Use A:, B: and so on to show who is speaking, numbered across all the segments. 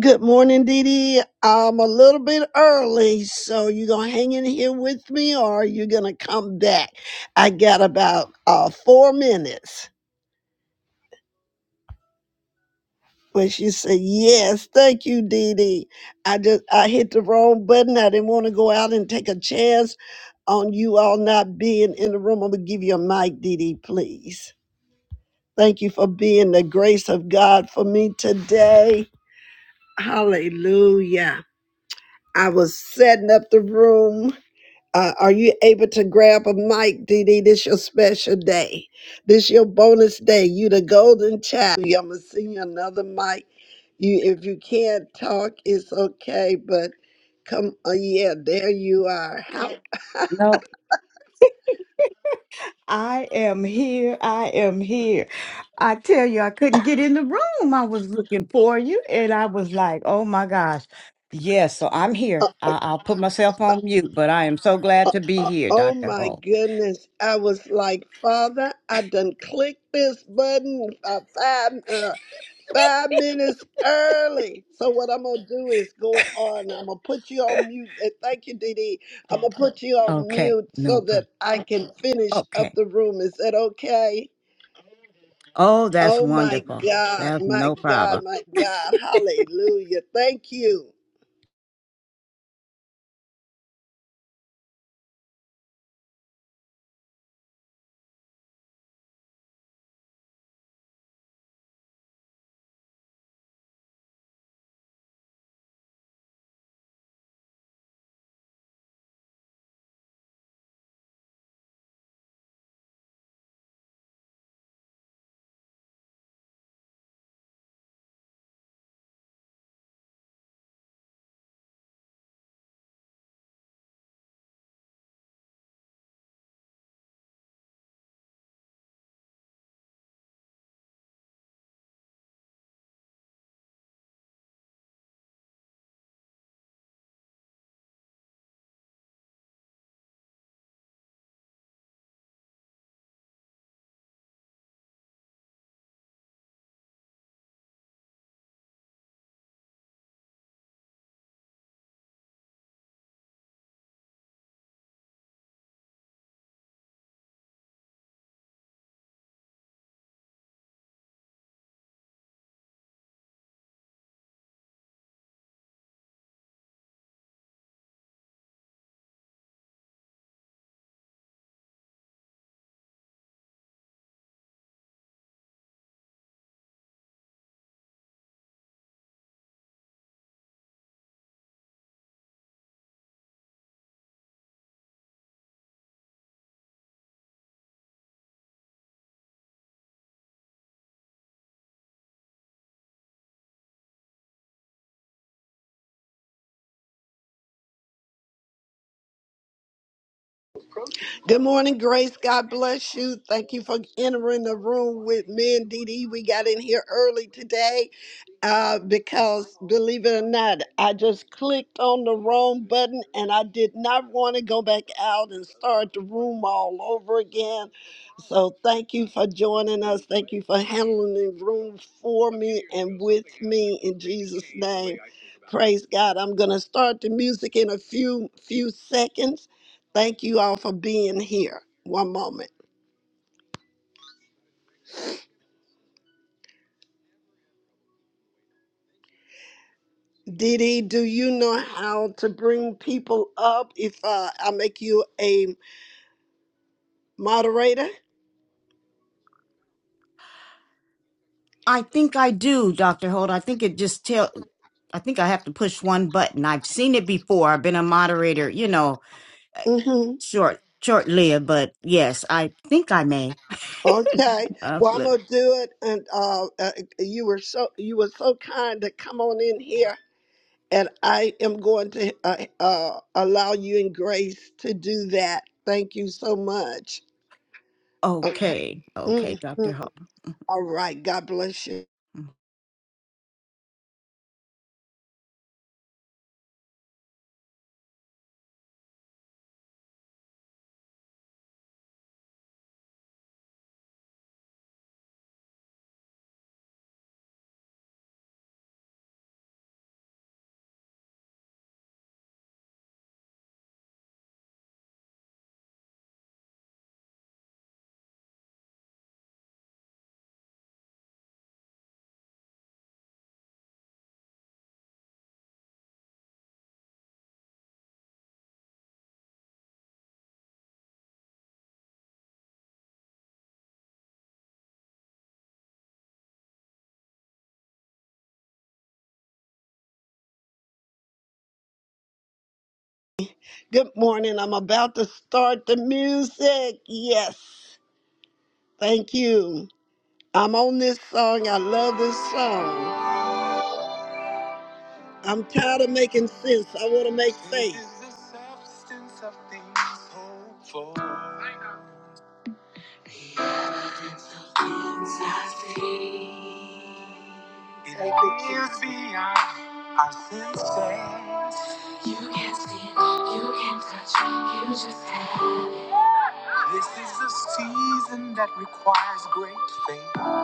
A: Good morning, Dee Dee. I'm a little bit early, so you gonna hang in here with me, or are you gonna come back? I got about uh, four minutes. When she said yes, thank you, Dee Dee. I just I hit the wrong button. I didn't want to go out and take a chance on you all not being in the room. I'm gonna give you a mic, Dee Dee, please. Thank you for being the grace of God for me today. Hallelujah. I was setting up the room Uh, are you able to grab a mic, Dee Dee? This your special day. This your bonus day. You the golden child. I'm gonna send you another mic. You, if you can't talk, it's okay. But come, uh, yeah, there you are. How?
B: No, I am here. I am here. I tell you, I couldn't get in the room. I was looking for you, and I was like, oh my gosh. Yes, so I'm
A: Uh,
B: here. I- I'll put myself on mute, but I am so glad to be
A: uh,
B: here,
A: oh
B: Dr.
A: my
B: Hall.
A: goodness! I was like, Father, I done clicked this button. I five minutes early. So what I'm gonna do is go on. I'm gonna put you on mute. And thank you, Dee. Dee. I'm gonna put you on
B: Okay,
A: mute
B: no
A: so that
B: problem.
A: I can finish up
B: Okay.
A: the room. Is that okay?
B: Oh, that's
A: Oh my
B: wonderful.
A: God,
B: That's
A: my
B: no
A: God,
B: problem.
A: my God. Hallelujah. Thank you. Good morning, Grace. God bless you. Thank you for entering the room with me and Dee Dee. We got in here early today. Uh, because believe it or not, I just clicked on the wrong button and I did not want to go back out and start the room all over again. So thank you for joining us. Thank you for handling the room for me and with me in Jesus' name. Praise God. I'm gonna start the music in a few few seconds. Thank you all for being here. One moment. Didi, do you know how to bring people up? If uh, I make you a moderator.
B: I think I do, Dr. Holt. I think it just tell I think I have to push one button. I've seen it before. I've been a moderator, you know,
A: hmm
B: short short lived, but yes, I think I may.
A: Okay.
B: Uh,
A: Well, I'm
B: look,
A: gonna do it. And uh, uh, you were so you were so kind to come on in here, and I am going to uh, uh, allow you and Grace to do that. Thank you so much. Okay.
B: okay, okay, Doctor
A: Mhm.
B: Hall.
A: All right. God bless you.
B: Mm.
A: Good morning. I'm about to start the music. Yes. Thank you. I'm on this song. I love this song. I'm tired of making sense. I want to make faith. You can't see, you can't touch, you just have. This is a season that requires great faith.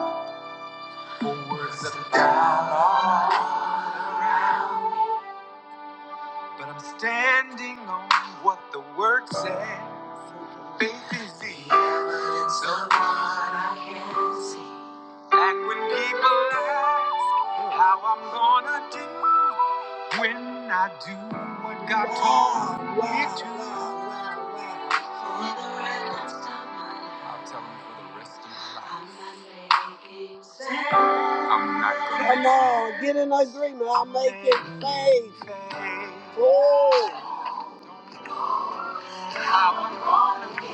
A: words of God. But I'm standing on what the word says. Faith is the evidence of what I can see. Back when people ask how I'm gonna do when I do what God told me to. For the rest of my life. I'll tell them for the rest of my life. I'm not making sense. I'm not gonna Come on, get in agreement. I'll make it faith. Oh. I would going to be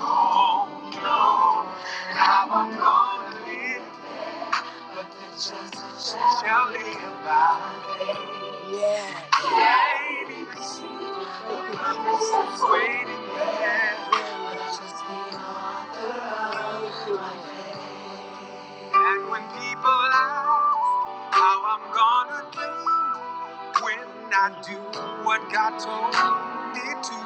A: Oh, no. I would going to live, but this is surely about waiting to see what's waiting there. Just be on the road. to my head. And when people ask how I'm gonna do when I do what God told me to,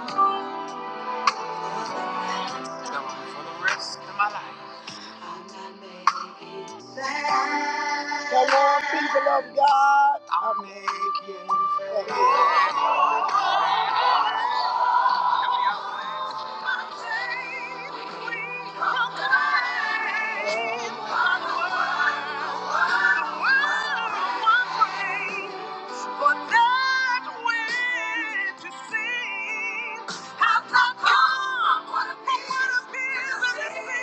A: tell 'em for the rest of my life. I'm not making sense. Come on, people of God. I'm making sense. But not come to me.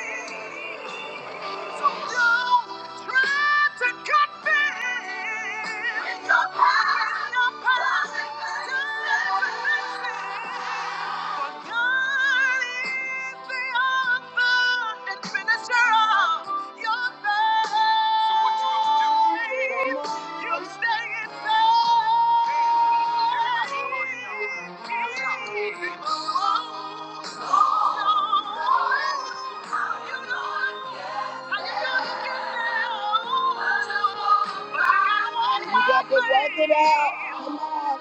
A: So what you gonna do? You got to work it out. Come on.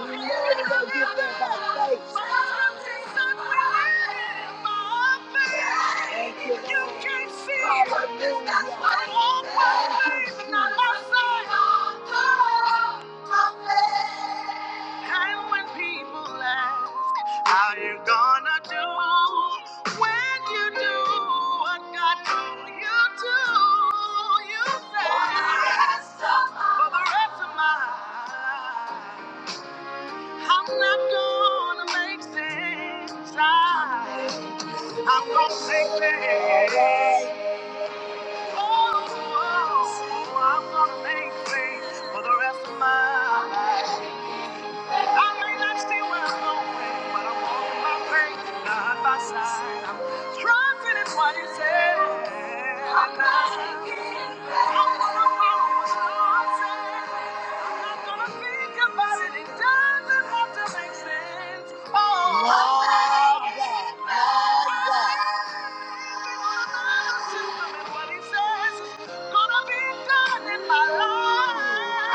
A: You know you gotta get there by faith. Thank you, Hallelujah. Thank you, kind when people ask how you gonna do when you do what God told you to. You say for the rest of my life, I'm not gonna make sense. I, I'm gonna make things. Oh, oh, oh, I'm gonna make things for the rest of my life. I may not see where I'm going, but I'm walking by faith, not by sight. I'm trusting in what you said. I'm gonna follow what the Lord said. I'm not gonna think about it. It doesn't have to make sense. Oh, Love that. Love that. What he says is gonna be done in my life.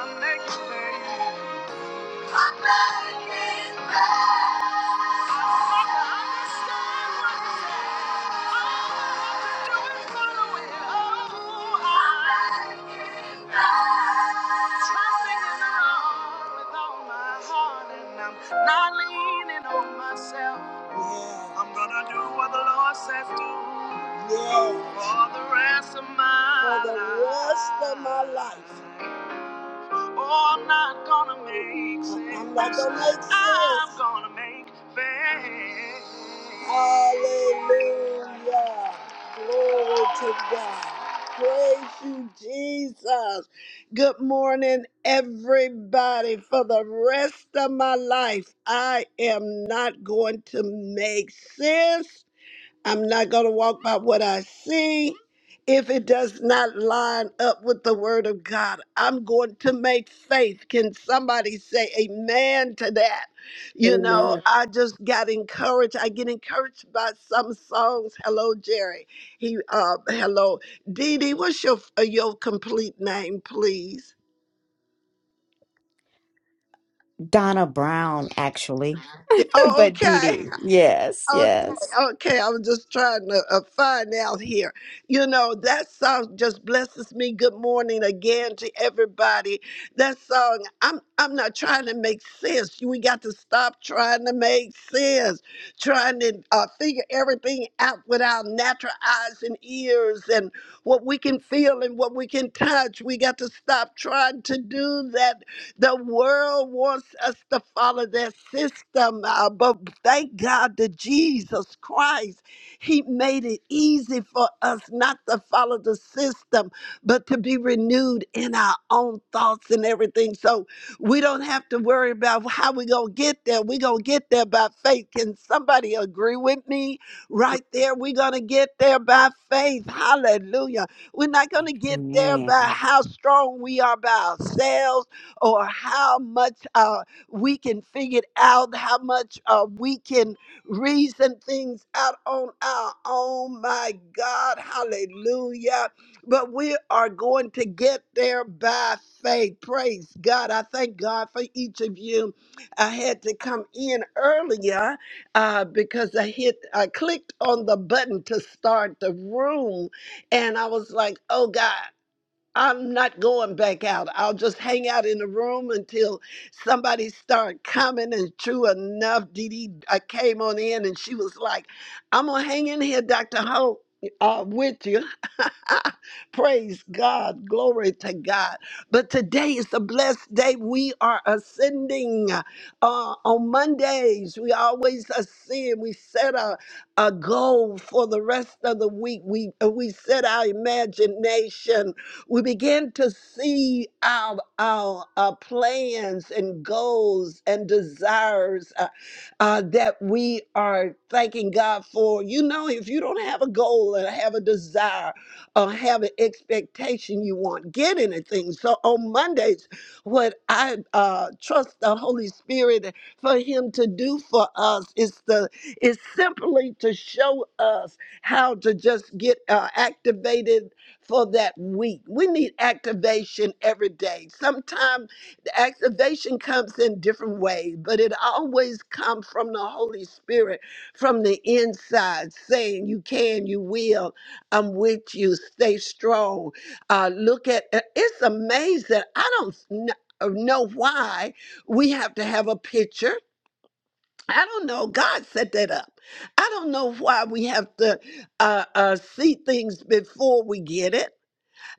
A: I'm gonna be done. Not leaning on myself. Yeah. I'm gonna do what the Lord says do. Yeah. For the rest of my life. For the rest of my life. life. Oh, I'm not gonna make sense. I'm not gonna make sense. I'm gonna make faith. Hallelujah. Glory to God. Praise you, Jesus. Good morning, everybody. For the rest of my life, I am not going to make sense. I'm not going to walk by what I see. If it does not line up with the word of God, I'm going to make faith. Can somebody say amen to that? You know,
C: Amen.
A: I just got encouraged. I get encouraged by some songs. Hello, Jerry. He, uh, hello, Dee Dee. What's your uh, your complete name, please?
B: Donna Brown, actually,
A: Eh, Oh,
B: but Dee
A: okay.
B: Dee, yes,
A: Okay,
B: yes.
A: okay. I'm just trying to uh, find out here. You know, that song just blesses me. Good morning again to everybody. That song, I'm I'm not trying to make sense. We got to stop trying to make sense, trying to uh, figure everything out with our natural eyes and ears and what we can feel and what we can touch. We got to stop trying to do that the world wants us to follow their system, uh, but thank God that Jesus Christ, He made it easy for us not to follow the system, but to be renewed in our own thoughts and everything. So we don't have to worry about how we're going to get there. We're going to get there by faith. Can somebody agree with me right there? We're going to get there by faith. Hallelujah. We're not going to get there by how strong we are by ourselves or how much uh, we can figure it out, how much uh, we can reason things out on our own. My God, hallelujah. But we are going to get there by faith. Praise God. I thank God for each of you. I had to come in earlier uh, because I hit, I clicked on the button to start the room, and I was like, "Oh God!" I'm not going back out. I'll just hang out in the room until somebody start coming. And true enough, Dee Dee I came on in and she was like, I'm going to hang in here, Dr. Hope, uh, with you. Praise God. Glory to God. But today is a blessed day. We are ascending uh, on Mondays. We always ascend. We set a, a goal for the rest of the week. We, we set our imagination we begin to see our, our, our plans and goals and desires uh, uh, that we are thanking God for. You know, if you don't have a goal and have a desire or have an expectation you won't get anything. So on Mondays, what I uh, trust the Holy Spirit for Him to do for us is the is simply to show us how to just get uh, activated for that week. We need activation every day. Sometimes the activation comes in different ways, but it always comes from the Holy Spirit from the inside saying, You can, you will, I'm with you, stay strong. Uh, look at uh, it's amazing. I don't kn- uh, know why we have to have a picture. I don't know. God set that up. I don't know why we have to uh, uh, see things before we get it.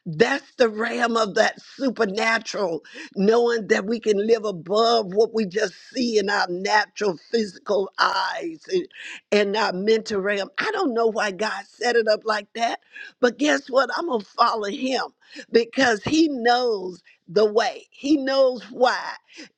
A: That's the realm of that supernatural, knowing that we can live above what we just see in our natural physical eyes and, and our mental realm. I don't know why God set it up like that, but guess what? I'm going to follow him because he knows the way, he knows why.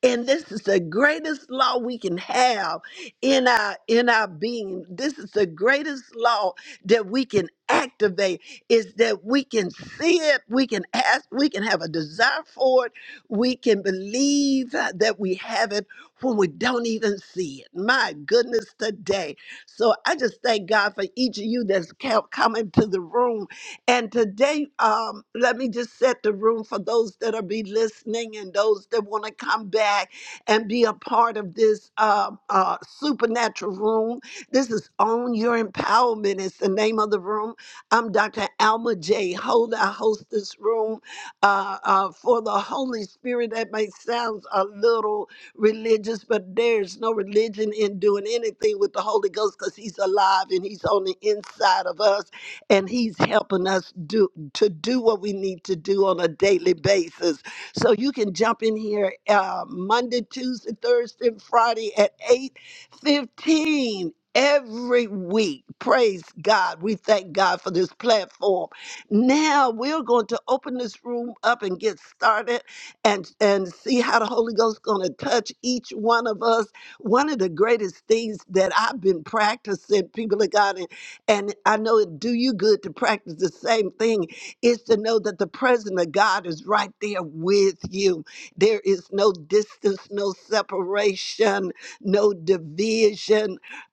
A: And this is the greatest law we can have in our in our being. This is the greatest law that we can activate is that we can see it, we can ask, we can have a desire for it, we can believe uh, that we have it when we don't even see it. My goodness, today. So I just thank God for each of you that's co- coming to the room. And today, um, let me just set the room for those that are be listening and those that want to come back and be a part of this um uh, supernatural room. This is on your empowerment. It's the name of the room. I'm Dr. Alma J. Holder. I host this room uh, uh, for the Holy Spirit. That may sound a little religious, but there's no religion in doing anything with the Holy Ghost because He's alive and He's on the inside of us, and He's helping us do to do what we need to do on a daily basis. So you can jump in here uh, Monday, Tuesday, Thursday, and Friday at eight fifteen every week. Praise God. We thank God for this platform. Now we're going to open this room up and get started and, and see how the Holy Ghost is going to touch each one of us. One of the greatest things that I've been practicing, people of God, and, and I know it do you good to practice the same thing, is to know that the presence of God is right there with you. There is no distance, no separation, no division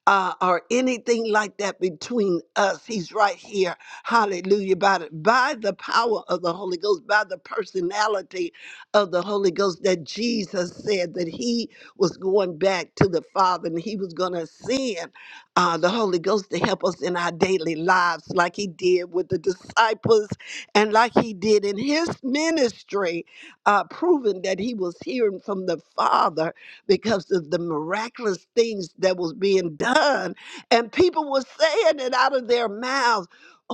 A: uh, or anything like that between us. He's right here. Hallelujah. By, the- by the power of the Holy Ghost, by the personality of the Holy Ghost, that Jesus said that he was going back to the Father and he was going to send uh, the Holy Ghost to help us in our daily lives, like he did with the disciples and like he did in his ministry, uh, proving that he was hearing from the Father because of the miraculous things that was being done. And people were saying it out of their mouths.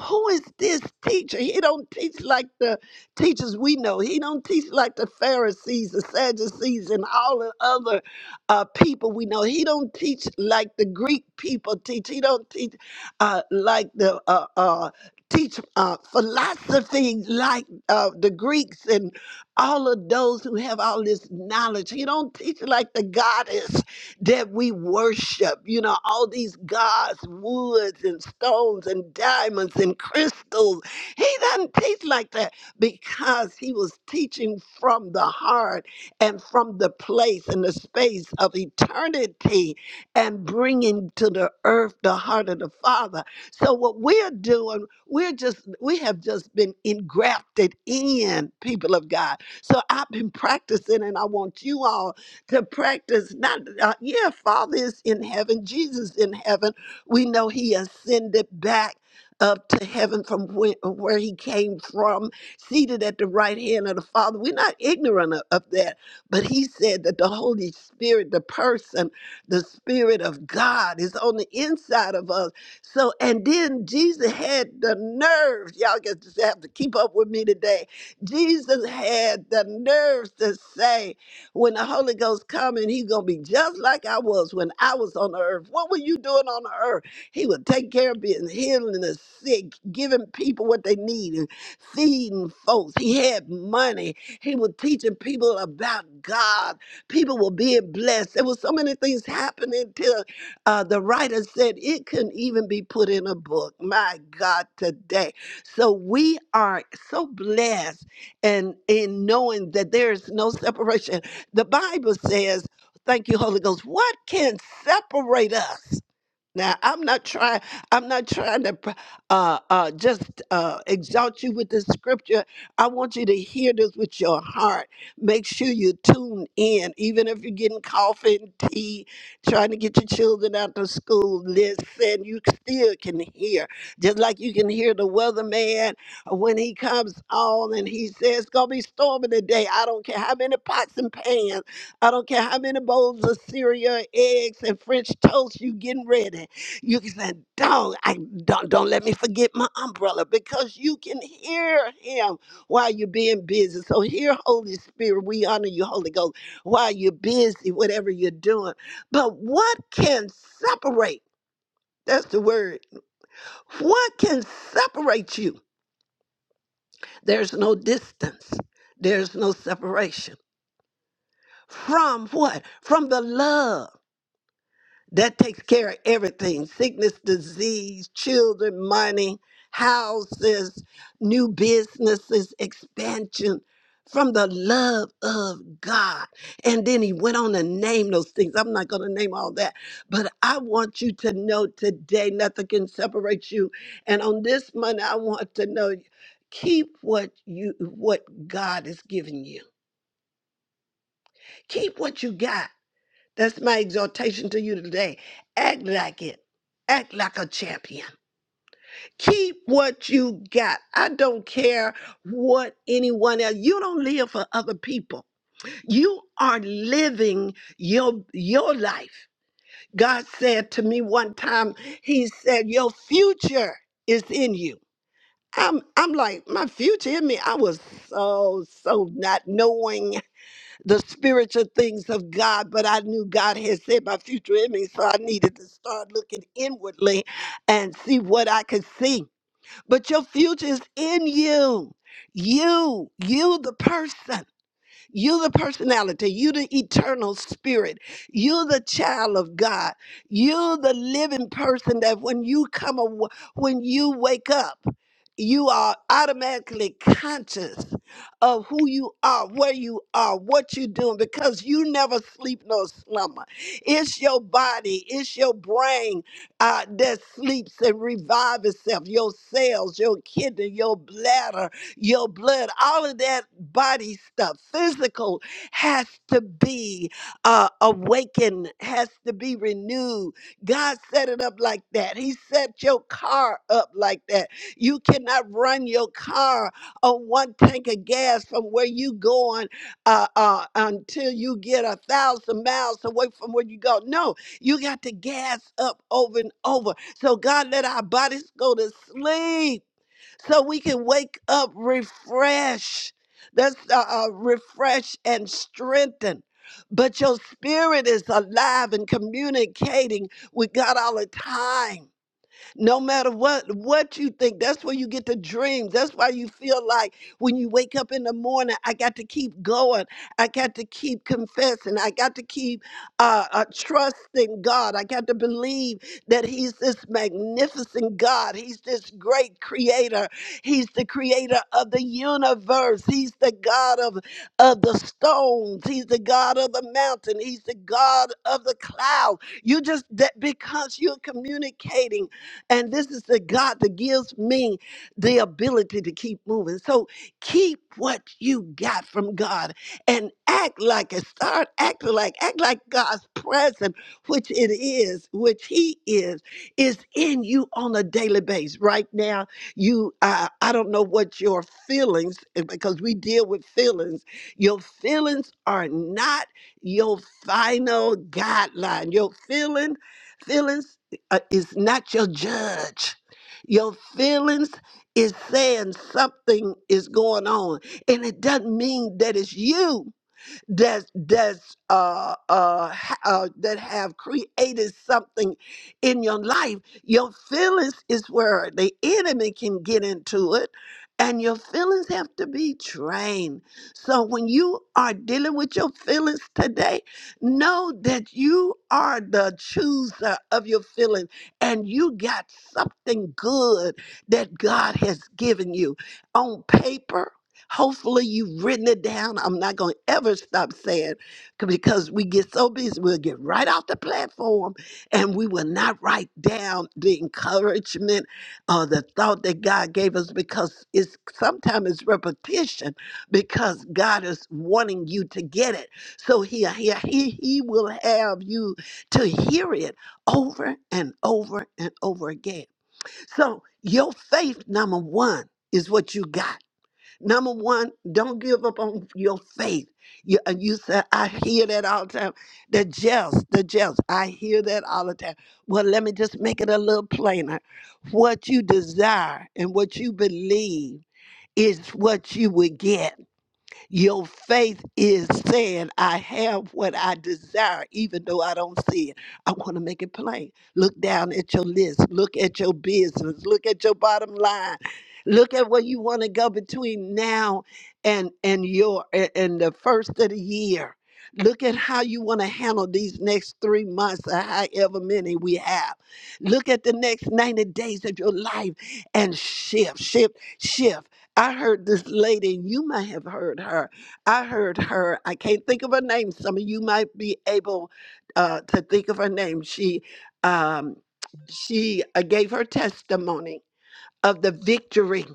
A: Who is this teacher? He don't teach like the teachers we know. He don't teach like the Pharisees, the Sadducees, and all the other uh, people we know. He don't teach like the Greek people teach. He don't teach uh, like the uh, uh, teach uh, philosophy like uh, the Greeks and all of those who have all this knowledge. He don't teach like the goddess that we worship. You know, all these gods, woods and stones and diamonds and crystals. He doesn't teach like that because he was teaching from the heart and from the place and the space of eternity and bringing to the earth the heart of the Father. So what we're doing, we're just we have just been engrafted in people of God. So I've been practicing, and I want you all to practice. Not, uh, yeah, Father is in heaven, Jesus in heaven. We know He ascended back. Up to heaven from where, where he came from, seated at the right hand of the Father. We're not ignorant of, of that, but he said that the Holy Spirit, the person, the Spirit of God, is on the inside of us. So, and then Jesus had the nerve, y'all just have to keep up with me today Jesus had the nerves to say, when the Holy Ghost come and he's gonna be just like I was when I was on the earth. What were you doing on the earth? He would take care of being healing the sick, giving people what they need, and feeding folks. He had money. He was teaching people about God. People were being blessed. There was so many things happening till uh, the writer said it couldn't even be put in a book. My God, today. So we are so blessed and in knowing that there is no separation. The Bible says, thank you, Holy Ghost, what can separate us? Now, I'm not trying. I'm not trying to uh, uh, just uh, exalt you with this scripture. I want you to hear this with your heart. Make sure you tune in, even if you're getting coffee and tea, trying to get your children out to school. Listen, you still can hear, just like you can hear the weatherman when he comes on and he says, "It's gonna be stormy today." I don't care how many pots and pans. I don't care how many bowls of cereal, eggs, and French toast you getting ready. You can say, "Dog, I don't don't let me forget my umbrella," because you can hear Him while you're being busy. So here, Holy Spirit, we honor you, Holy Ghost, while you're busy, whatever you're doing. But what can separate? That's the word. What can separate you? There's no distance. There's no separation from what? From the love That takes care of everything sickness, disease, children, money, houses, new businesses, expansion from the love of God. And then he went on to name those things. I'm not going to name all that, but I want you to know today nothing can separate you. And on this Monday, I want to know keep what you what God has given you. Keep what you got. That's my exhortation to you today. Act like it. Act like a champion. Keep what you got. I don't care what anyone else. You don't live for other people. You are living your your life. God said to me one time, he said, "Your future is in you." I'm I'm like, "My future in me." I was so so not knowing the spiritual things of God, but I knew God had said my future in me, so I needed to start looking inwardly and see what I could see. But your future is in you. You, you, the person. You're the personality. You're the eternal spirit. You're the child of God. You're the living person that when you come, aw- when you wake up, you are automatically conscious of who you are, where you are, what you're doing, because you never sleep nor slumber. It's your body, it's your brain uh, that sleeps and revives itself, your cells, your kidney, your bladder, your blood, all of that body stuff, physical, has to be uh, awakened, has to be renewed. God set it up like that. He set your car up like that. You cannot run your car on one tank of gas from where you going uh, uh, until you get a thousand miles away from where you go. No, you got to gas up over and over. So God let our bodies go to sleep so we can wake up refresh. That's uh, uh, refresh and strengthen. But your spirit is alive and communicating with God all the time no matter what what you think that's where you get the dreams that's why you feel like when you wake up in the morning i got to keep going i got to keep confessing i got to keep uh, uh trusting god i got to believe that he's this magnificent god he's this great creator he's the creator of the universe he's the god of of the stones he's the god of the mountain he's the god of the cloud you just that because you're communicating and this is the God that gives me the ability to keep moving. So keep what you got from God and act like it. Start acting like act like God's presence, which it is, which He is, is in you on a daily basis. Right now, you uh, I don't know what your feelings eh, because we deal with feelings. Your feelings are not your final guideline. Your feeling feelings uh, is not your judge. Your feelings is saying something is going on, and it doesn't mean that it's you that's that's uh, uh, ha- uh, that have created something in your life. Your feelings is where the enemy can get into it, and your feelings have to be trained. So when you are dealing with your feelings today, know that you are the chooser of your feelings, and you got something good that God has given you on paper Hopefully, you've written it down. I'm not going to ever stop saying c- because we get so busy, we'll get right off the platform and we will not write down the encouragement or the thought that God gave us because it's sometimes it's repetition because God is wanting you to get it. So he, he, he, he will have you to hear it over and over and over again. So, your faith, number one, is what you got. Number one, don't give up on your faith. You, and you said, I hear that all the time. The jest, the jest. I hear that all the time. Well, let me just make it a little plainer. What you desire and what you believe is what you will get. Your faith is saying, I have what I desire, even though I don't see it. I want to make it plain. Look down at your list, look at your business, look at your bottom line. Look at where you want to go between now and and your a- and the first of the year. Look at how you want to handle these next three months or however many we have. Look at the next 90 days of your life and shift, shift, shift. I heard this lady, you might have heard her. I heard her, I can't think of her name. Some of you might be able uh, to think of her name. She um, she uh, gave her testimony of the victory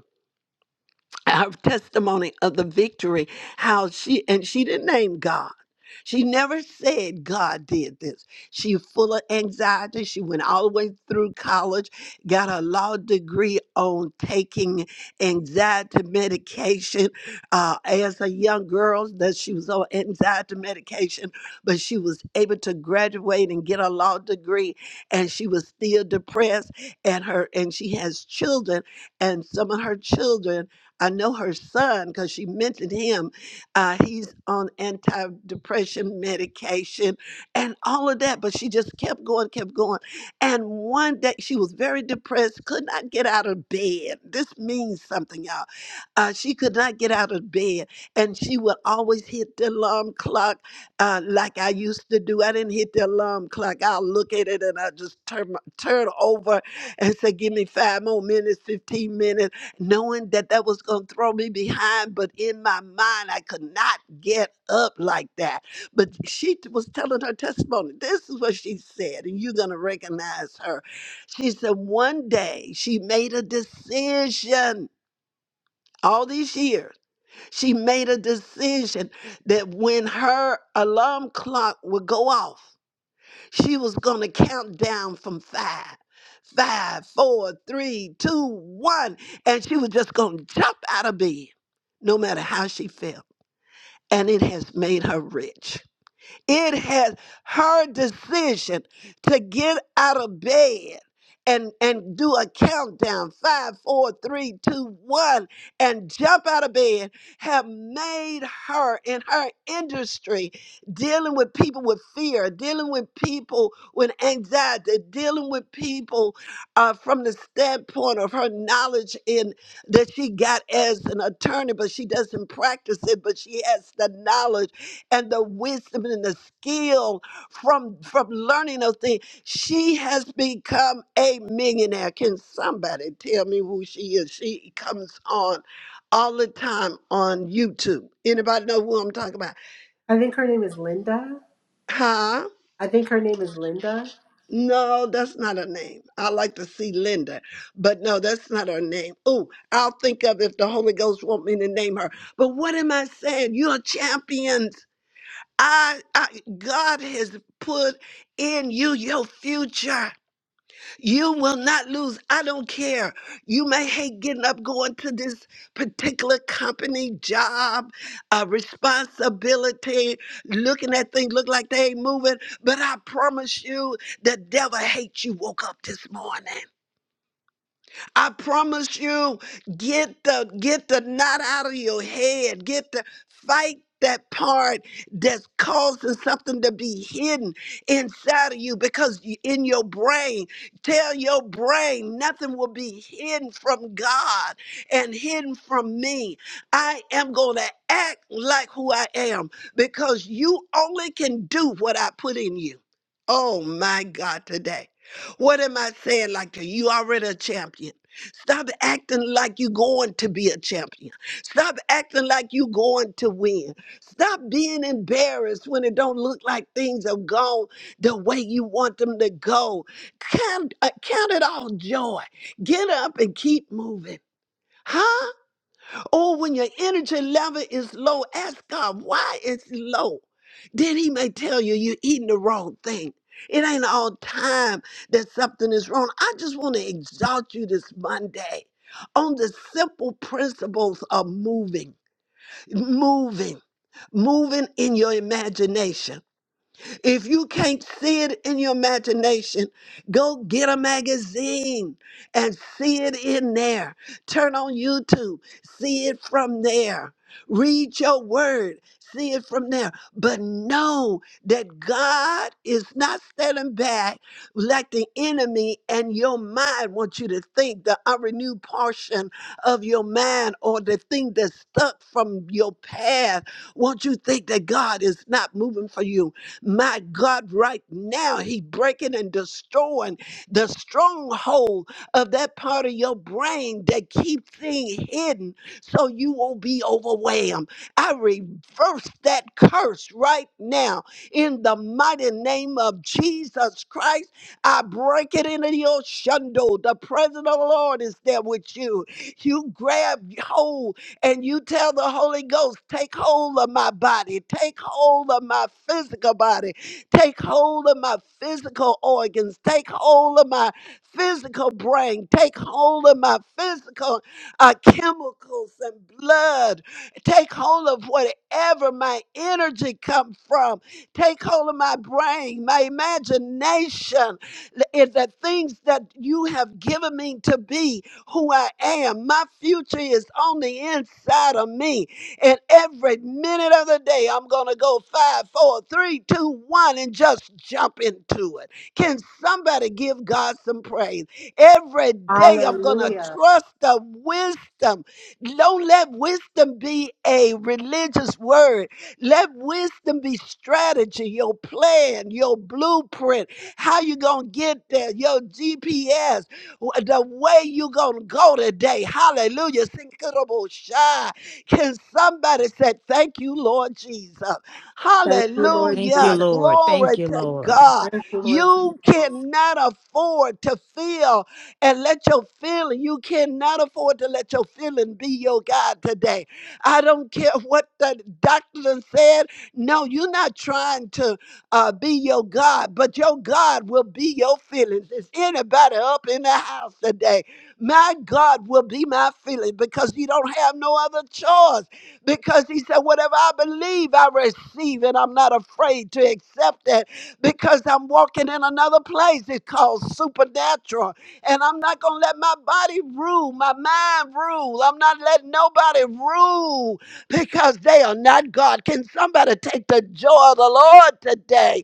A: her testimony of the victory how she and she didn't name god she never said god did this she full of anxiety she went all the way through college got her law degree on taking anxiety medication uh, as a young girl that she was on anxiety medication but she was able to graduate and get her law degree and she was still depressed and her and she has children and some of her children I know her son because she mentioned him. Uh, he's on antidepressant medication and all of that. But she just kept going, kept going. And one day she was very depressed, could not get out of bed. This means something, y'all. Uh, she could not get out of bed. And she would always hit the alarm clock uh, like I used to do. I didn't hit the alarm clock. I'll look at it and I just turn, my- turn over and say, give me five more minutes, 15 minutes knowing that that was going to throw me behind, but in my mind, I could not get up like that. But she t- was telling her testimony. This is what she said, and you're going to recognize her. She said, One day she made a decision. All these years, she made a decision that when her alarm clock would go off, she was going to count down from five, five, four, three, two, one, and she was just going to jump out of bed, no matter how she felt. And it has made her rich. It has her decision to get out of bed and, and do a countdown five, four, three, two, one, and jump out of bed have made her in her industry dealing with people with fear, dealing with people with anxiety, dealing with people uh, from the standpoint of her knowledge in that she got as an attorney, but she doesn't practice it, but she has the knowledge and the wisdom and the skill from from learning those things. She has become a millionaire. Can somebody tell me who she is? She comes on all the time on YouTube. Anybody know who I'm talking about?
C: I think her name is Linda.
A: Huh?
C: I think her name is Linda.
A: No, that's not her name. I like to see Linda, but no, that's not her name. Oh, I'll think of if the Holy Ghost want me to name her. But what am I saying? You're a I, I God has put in you your future. You will not lose. I don't care. You may hate getting up going to this particular company job, uh, responsibility, looking at things look like they ain't moving. But I promise you, the devil hates you. Woke up this morning. I promise you, get the get the knot out of your head. Get the fight that part that's causing something to be hidden inside of you because you- in your brain tell your brain nothing will be hidden from god and hidden from me i am going to act like who i am because you only can do what i put in you oh my god today what am i saying like to You already a champion Stop acting like you're going to be a champion. Stop acting like you're going to win. Stop being embarrassed when it don't look like things have gone the way you want them to go. Count, uh, count it all joy. Get up and keep moving. Huh? Or when your energy level is low, ask God why it's low. Then He may tell you you're eating the wrong thing. It ain't all time that something is wrong. I just want to exalt you this Monday on the simple principles of moving, moving, moving in your imagination. If you can't see it in your imagination, go get a magazine and see it in there. Turn on YouTube, see it from there. Read your word, see it from there. But know that God is not standing back like the enemy, and your mind wants you to think the unrenewed portion of your mind or the thing that's stuck from your path. Won't you think that God is not moving for you? My God, right now, He breaking and destroying the stronghold of that part of your brain that keep things hidden so you won't be overwhelmed. I reverse that curse right now in the mighty name of Jesus Christ. I break it into your shundo. The presence of the Lord is there with you. You grab hold and you tell the Holy Ghost, take hold of my body, take hold of my physical body, take hold of my physical organs, take hold of my physical brain, take hold of my physical uh, chemicals and blood, take hold of whatever my energy come from, take hold of my brain, my imagination, the, eh, the things that you have given me to be who I am. My future is on the inside of me. And every minute of the day, I'm going to go five, four, three, two, one, and just jump into it. Can somebody give God some praise? Every day, I'm going to
C: Hallelujah.
A: trust the wisdom. Don't let wisdom be a religious word. Let wisdom be strategy, your plan, your blueprint, how you going to get there, your GPS. The way you gonna go today, hallelujah. Sinkirobosha. Can somebody say thank you, Lord Jesus?
C: Thank you, Lord
B: Thank you,
A: Hallelujah.
C: Jesus.
B: Lord. Thank
A: Glory
B: you,
A: to
B: Lord.
A: God.
C: Thank you, Lord Jesus.
A: You cannot afford to feel and let your feeling, you cannot afford to let your feeling be your God today. I don't care what the doctor said. No, you're not trying to uh, be your God, but your God will be your feelings. Is anybody up in the house today? My God will be my feeling because you don't have no other choice. Because he said, Whatever I believe, I receive, and I'm not afraid to accept that because I'm walking in another place. It's called supernatural. And I'm not going to let my body rule, my mind rule. I'm not letting nobody rule because they are not God. Can somebody take the joy of the Lord today?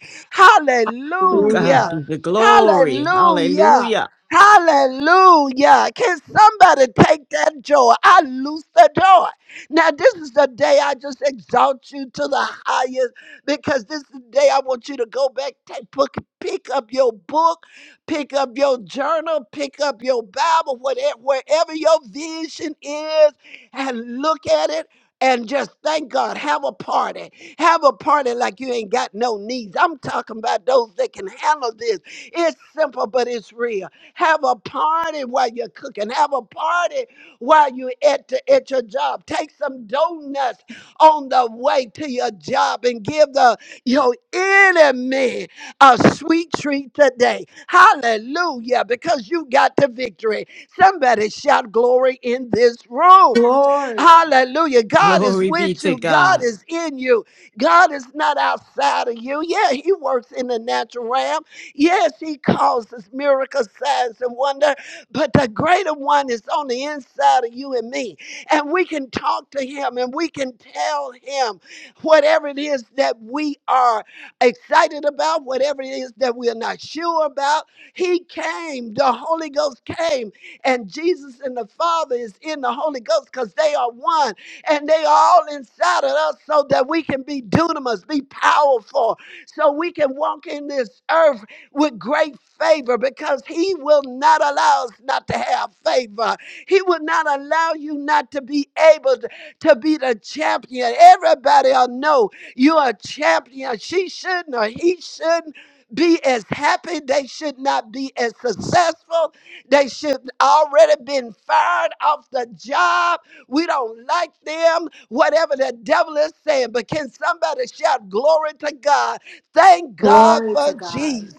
B: To God
A: Hallelujah.
B: be
C: Hallelujah.
B: the glory.
A: Hallelujah.
B: Hallelujah.
A: Hallelujah. Can somebody take that joy? I loose the door. Now, this is the day I just exalt you to the highest because this is the day I want you to go back, take, book, pick up your book, pick up your journal, pick up your Bible, whatever, wherever your vision is, and look at it and just thank God. Have a party. Have a party like you ain't got no needs. I'm talking about those that can handle this. It's simple, but it's real. Have a party while you're cooking. Have a party while you're at, the, at your job. Take some donuts on the way to your job and give the your enemy a sweet treat today. Hallelujah, because you got the victory. Somebody shout glory in this room.
C: Glory.
A: Hallelujah. God is
B: Glory be
A: with
B: to
A: you. God
B: God.
A: is in you. God is not outside of you. Yeah, He works in the natural realm. Yes, He causes miracles, signs, and wonder. But the greater one is on the inside of you and me. And we can talk to Him and we can tell Him whatever it is that we are excited about, whatever it is that we are not sure about. He came, the Holy Ghost came and Jesus and the Father is in the Holy Ghost because they are one and they are all inside of us so that we can be dunamis, be powerful, so we can walk in this earth with great favor because He will not allow us not to have favor. He will not allow you not to be able to, to be the champion. Everybody I know you're a champion. She shouldn't or he shouldn't be as happy. They should not be as successful. They should already been fired off the job. We don't like them, whatever the devil is saying. But can somebody shout glory to God? Thank God
C: Glory to
A: for
C: God.
A: Jesus.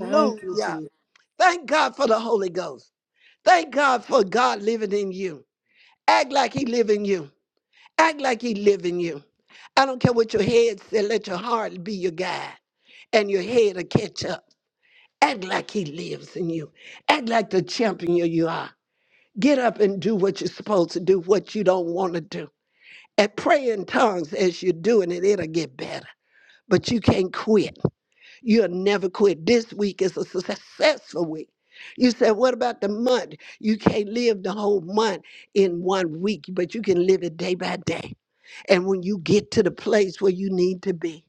C: Thank you, Jesus.
A: Thank God for the Holy Ghost. Thank God for God living in you. Act like he live in you. Act like he live in you. I don't care what your head said, let your heart be your guide and your head will catch up. Act like he lives in you. Act like the champion you are. Get up and do what you're supposed to do, what you don't want to do. And pray in tongues as you're doing it, it'll get better. But you can't quit. You'll never quit. This week is a successful week. You said, what about the month? You can't live the whole month in one week, but you can live it day by day. And when you get to the place where you need to be,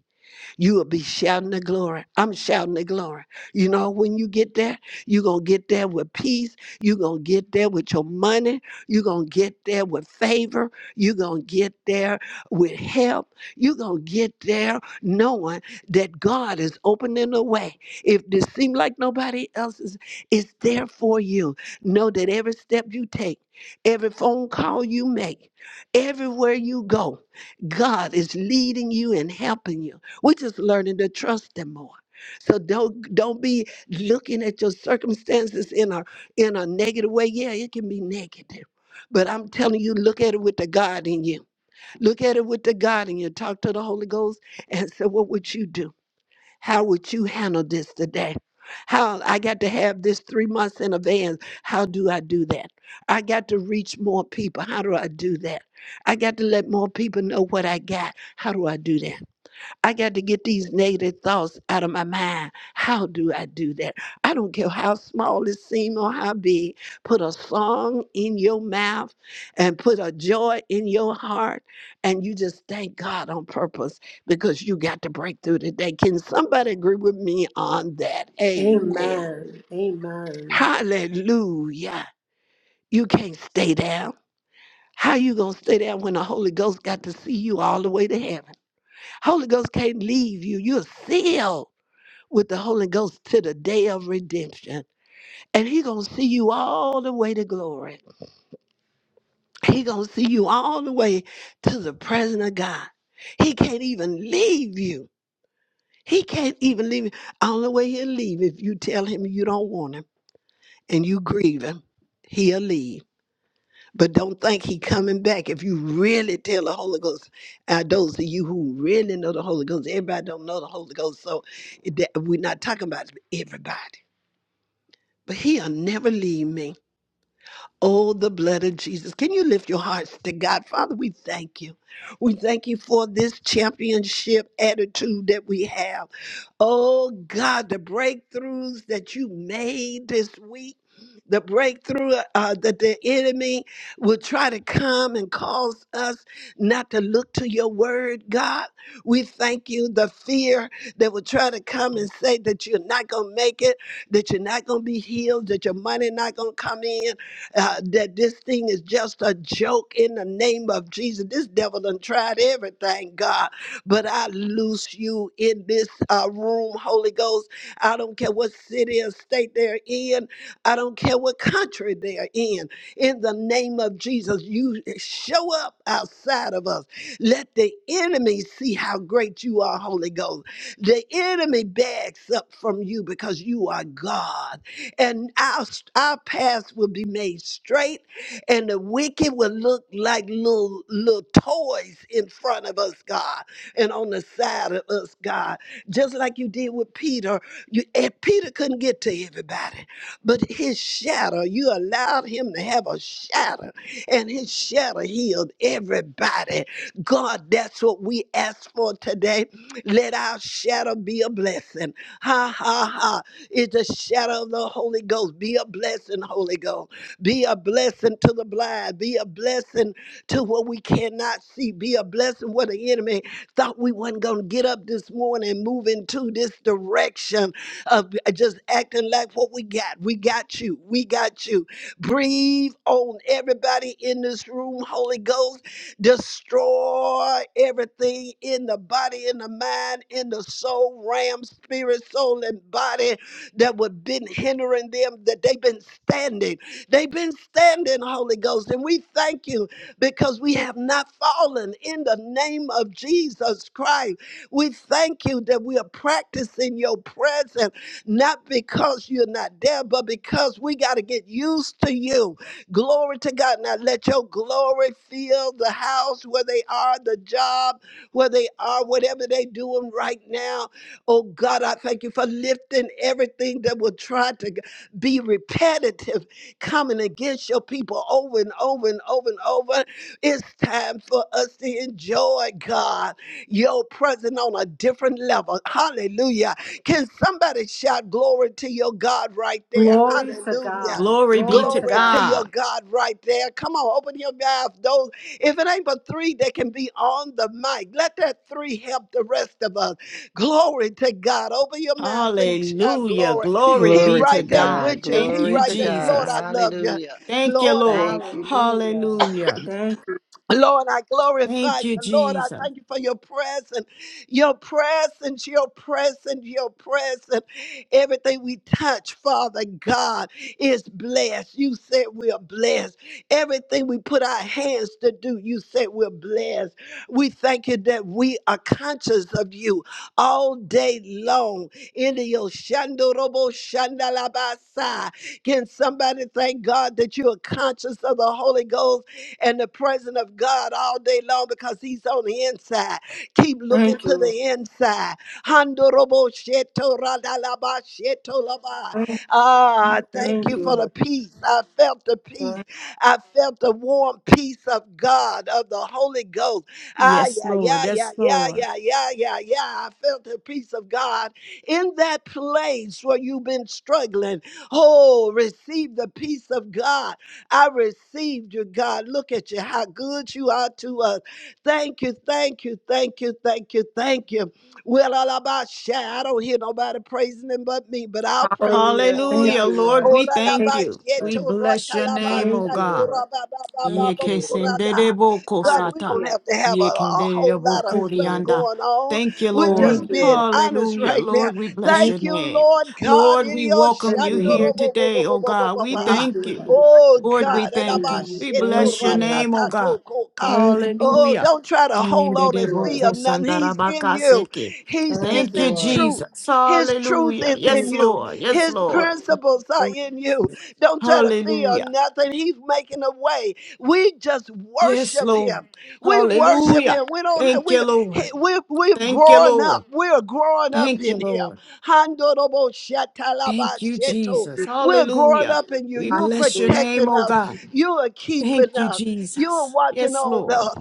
A: you will be shouting the glory. I'm shouting the glory. You know, when you get there, you're going to get there with peace. You're going to get there with your money. You're going to get there with favor. You're going to get there with help. You're going to get there knowing that God is opening the way. If this seems like nobody else is, it's there for you. Know that every step you take, every phone call you make, everywhere you go, God is leading you and helping you. We're just learning to trust them more. So don't don't be looking at your circumstances in a in a negative way. Yeah, it can be negative. But I'm telling you, look at it with the God in you. Look at it with the God in you. Talk to the Holy Ghost and say, what would you do? How would you handle this today? How I got to have this three months in advance. How do I do that? I got to reach more people. How do I do that? I got to let more people know what I got. How do I do that? I got to get these negative thoughts out of my mind. How do I do that? I don't care how small it seems or how big. Put a song in your mouth and put a joy in your heart, and you just thank God on purpose because you got to break through today. Can somebody agree with me on that? Amen.
C: Amen. Amen.
A: Hallelujah. You can't stay down. How you gonna stay down when the Holy Ghost got to see you all the way to heaven? Holy Ghost can't leave you. You're sealed with the Holy Ghost to the day of redemption. And he going to see you all the way to glory. He going to see you all the way to the presence of God. He can't even leave you. He can't even leave you. Only way he'll leave if you tell him you don't want him and you grieve him, he'll leave. But don't think he coming back if you really tell the Holy Ghost. Uh, those of you who really know the Holy Ghost, everybody don't know the Holy Ghost, so it- that- we're not talking about everybody. But he'll never leave me. Oh, the blood of Jesus. Can you lift your hearts to God? Father, we thank you. We thank you for this championship attitude that we have. Oh, God, the breakthroughs that you made this week. The breakthrough uh, that the enemy will try to come and cause us not to look to your word, God. We thank you. The fear that will try to come and say that you're not going to make it, that you're not going to be healed, that your money not going to come in, uh, that this thing is just a joke in the name of Jesus. This devil done tried everything, God, but I loose you in this uh, room, Holy Ghost. I don't care what city or state they're in. I don't care what country they're in. In the name of Jesus, you show up outside of us. Let the enemy see how great you are, Holy Ghost. The enemy backs up from you because you are God and our, our paths will be made straight, and the wicked will look like little, little toys in front of us, God, and on the side of us, God. Just like you did with Peter. You, and Peter couldn't get to everybody, but his shadow, you allowed him to have a shadow, and his shadow healed everybody. God, that's what we ask for today. Let our shadow be a blessing. Ha ha ha is the shadow of the Holy Ghost. Be a blessing, Holy Ghost. Be a blessing to the blind. Be a blessing to what we cannot see. Be a blessing where the enemy thought we wasn't going to get up this morning and move into this direction of just acting like what we got. We got you. We got you. Breathe on everybody in this room, Holy Ghost. Destroy everything in the body, in the mind, in the soul, ram, spirit, soul, and body that would been hindering them, that they've been standing. They've been standing, Holy Ghost. And we thank you because we have not fallen in the name of Jesus Christ. We thank you that we are practicing your presence, not because you're not there, but because we got to get used to you. Glory to God. Now let your glory fill the house where they are, the job where they are, whatever they're doing right now Oh God, I thank you for lifting everything that will try to g- be repetitive, coming against your people over and over and over and over. It's time for us to enjoy, God, your presence on a different level. Hallelujah. Can somebody shout glory to your God right there?
C: Glory to
A: Hallelujah.
C: God.
B: Glory be
C: Glory
B: to
C: to
A: Glory
C: God.
A: to your
B: God.
A: God right there. Come on, open your mouth. Those, if it ain't but three that can be on the mic, let that three help the rest of us. Glory to God. Open your mouths and shout
B: Hallelujah.
A: glory.
B: Glory
A: He
B: be
D: Glory to
B: to
A: right there
B: God.
D: God.
A: with you.
B: Thank
A: He
D: Glory
B: you,
D: to
A: right there.
D: God.
A: Lord, I
B: Jesus.
A: love you.
D: Hallelujah.
B: Thank you,
A: Lord, I
B: Lord.
D: Thank
A: thank
D: you.
A: you.
C: Hallelujah.
B: Hallelujah.
C: Thank you.
A: Lord, I glorify
B: Thank
A: you.
B: you,
A: Lord, I
B: Jesus.
A: thank you for your presence, your presence, your presence, your presence. Everything we touch, Father God, is blessed. You said we are blessed. Everything we put our hands to do, you said we're blessed. We thank you that we are conscious of you all day long. In your Yoshandorobo Shandalabasa. Can somebody thank God that you are conscious of the Holy Ghost? and the presence of God all day long because He's on the inside. Keep looking
C: Thank
A: to
C: you, Lord.
A: the inside. Handorobo sheto radalaba sheto laba.
C: Thank,
A: Ah, thank
C: thank
A: you for the
C: you,
A: peace. I felt the
C: Lord.
A: peace.
C: Thank-
A: I felt the warm peace of God, of the Holy Ghost. Ah,
B: Yes,
A: yeah,
B: Lord.
A: yeah,
B: Yes,
A: yeah, yeah,
B: Lord.
A: yeah, yeah, yeah, yeah. I felt the peace of God in that place where you've been struggling. Oh, receive the peace of God. I received you, God. Look at you, how good you are to us. Thank you, thank you, thank you, thank you, thank you. Well, all about shy. I don't hear nobody praising him but me, but I'll praise him
C: Hallelujah.
A: for you.
C: Thank
B: Hallelujah.
C: you,
B: Lord,
C: Lord.
A: Oh,
B: we
A: la, la,
B: thank
C: Thank you,
A: ba,
B: you.
A: she,
C: Lord.
B: We
A: to, ra,
B: bless
A: ta,
B: your
A: la, ba,
B: name, oh
C: Thank
A: sha,
C: you,
B: God.
A: to,
C: Lord.
A: ra, ba, ba, ba, ba,
B: Ye
C: Thank
A: ba,
C: you,
A: ko,
C: Lord.
A: ra,
B: kesendere
A: da.
B: boko
A: God, we
B: sata.
A: don't
C: Hallelujah.
A: have to have a,
B: Ye
A: a whole
B: kendere
A: lot of
B: boko
C: Thank you,
A: stuff
C: Lord.
B: rianda.
A: going on.
B: Thank you,
A: We're
C: Thank
B: Lord.
A: just
C: you,
A: being
C: Lord.
A: honest
B: Hallelujah.
A: right now.
B: Lord, we
C: Thank
B: bless your
A: Thank
C: you,
A: you,
B: name.
A: Lord God.
B: Lord,
A: in
B: we
A: your
B: welcome
C: thank
B: you
C: you,
A: shando,
B: here
C: Lord.
A: ro, bo, bo, bo,
B: today,
A: bo,
B: oh
A: bo, bo,
B: God.
A: bo,
B: We
A: ba.
C: Thank you,
B: thank you.
C: Lord.
A: Oh
B: Lord, we
A: God.
B: thank you.
C: Hallelujah.
B: We
A: Elabashito
B: bless
C: Thank you,
B: your
C: Lord.
B: name, oh God.
A: ratatato koka.
C: Thank
A: Oh,
B: Hallelujah.
A: don't try to hold on
B: Yendere
A: and
C: you,
A: see
C: Lord.
B: boko
A: or nothing.
B: sandara
A: He's in
B: baka
A: you.
B: seke.
A: He's
C: Thank
A: is
B: Thank
C: you,
B: you,
A: his
C: Lord.
A: truth.
B: Jesus.
A: His truth
B: Hallelujah.
A: is
C: Jesus,
A: in
B: Yes,
A: you.
B: Lord. Yes,
A: His
B: Lord.
A: principles are
C: Thank
A: in you. Don't try to
B: Hallelujah.
A: feel nothing. He's making a way. We just
B: Yes,
A: worship
B: Lord.
A: him. We worship
B: Hallelujah.
A: him. We
B: Thank you,
A: don't. He-
B: Lord.
A: We're, we're
B: Thank you,
A: growing up.
B: Lord.
A: We're growing up
B: Thank you,
A: in Him.
B: Lord.
A: Handorobo
B: Thank you,
A: shatalabasheto.
B: Jesus.
C: you.
A: We're growing
B: Hallelujah.
A: up in you.
B: We
A: You're
B: bless your
C: Hallelujah.
B: name,
A: protecting
B: oh
A: us.
B: God.
A: You are keeping
B: Thank you,
A: us. You are
B: Jesus.
A: watching
B: Yes,
A: on
B: Lord.
A: us.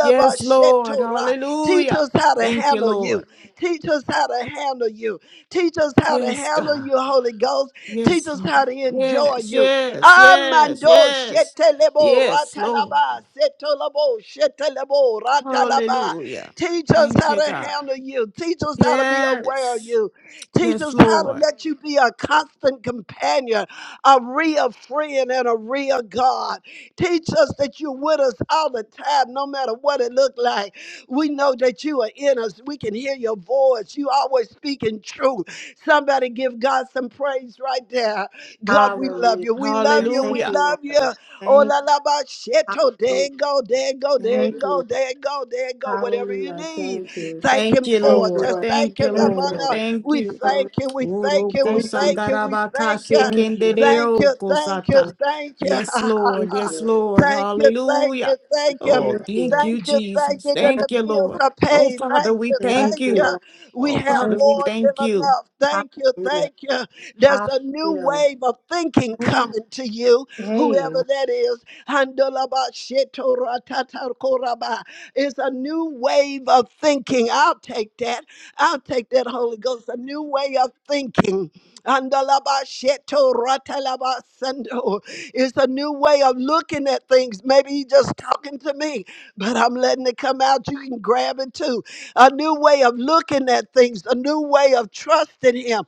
B: Yes, Lord.
A: Teach
B: Hallelujah.
A: us how to
B: Thank you,
A: handle you.
B: Lord.
A: Teach us how to handle you. Teach us how to
B: Yes,
A: handle
B: God.
A: you, Holy Ghost. Teach
B: Yes,
A: us
B: Lord.
A: how to enjoy
B: Yes,
A: you.
B: yes, yes,
A: Amando
B: yes.
A: shetelebo
B: Yes, Lord.
A: ratalaba setolobo shetelebo ratalaba
B: Hallelujah.
A: Teach us
B: Thank
A: how
B: you,
A: to
B: God.
A: handle you. Teach us how to be aware of
B: Yes.
A: you. Teach
B: Yes,
A: us how to
B: Lord.
A: let you be a constant companion, a real friend, and a real God. Teach us that you're with us all the time, no matter what it looked like. We know that you are in us. We can hear your voice. You always speaking truth. Somebody give God some praise right there. God, we love
C: Hallelujah.
A: you. We love you. We
C: Thank
B: Hallelujah.
C: you,
A: love you.
C: Lord.
A: Oh,
C: Thank you.
A: la la ba shito. There
C: Hallelujah.
A: it go, there it go, there it
C: Thank you,
A: go,
C: Lord.
A: there it go, there it go. Whatever you
C: Hallelujah.
A: need,
C: Thank you.
A: thank
B: Thank
A: Him
B: you,
C: Thank
A: for. it.
C: you,
B: Lord.
A: Just
C: Lord.
A: thank
B: Thank you,
A: Him,
C: Thank you,
B: Lord.
A: Ramana.
C: Lord.
B: Thank
A: We
B: you.
C: Hallelujah.
A: thank you, we thank you,
B: Oroko
A: we
C: Thank you.
A: thank you, we
B: sandarabaka
A: thank you.
C: Thank you, Lord.
A: Thank
B: sekendereo
A: you, thank you,
B: kosata.
A: thank you.
B: Yes,
C: Thank
B: Lord. Yes,
C: you.
B: Lord.
A: thank you, thank you,
B: Hallelujah.
A: thank you.
B: Oh,
C: Thank you,
B: thank
C: Lord.
B: you,
A: Thank you, thank
B: Jesus.
A: you
C: Thank
A: that the
B: Thank you,
A: bills
B: Lord.
A: are
B: Oh,
A: paid.
B: Father,
A: Thank
B: we
A: you,
C: you,
B: thank
A: thank you.
B: you.
C: Lord.
A: We
B: Oh,
A: have
B: Father,
C: Thank
B: we
C: you.
A: more than
B: thank you.
A: enough. Thank you,
C: Hallelujah.
A: thank you. There's a new
C: Hallelujah.
A: wave of thinking
C: Ooh,
A: coming to you
C: Hey,
A: whoever that is. Handalaba shetora tatakoraba. It's a new wave of thinking. I'll take that. I'll take that, Holy Ghost. A new way of thinking. Handalaba shetora talaba sando. It's a new way of looking at things. Maybe you just talking to me, but I'm letting it come out. You can grab it too. A new way of looking at things, a new way of trusting Him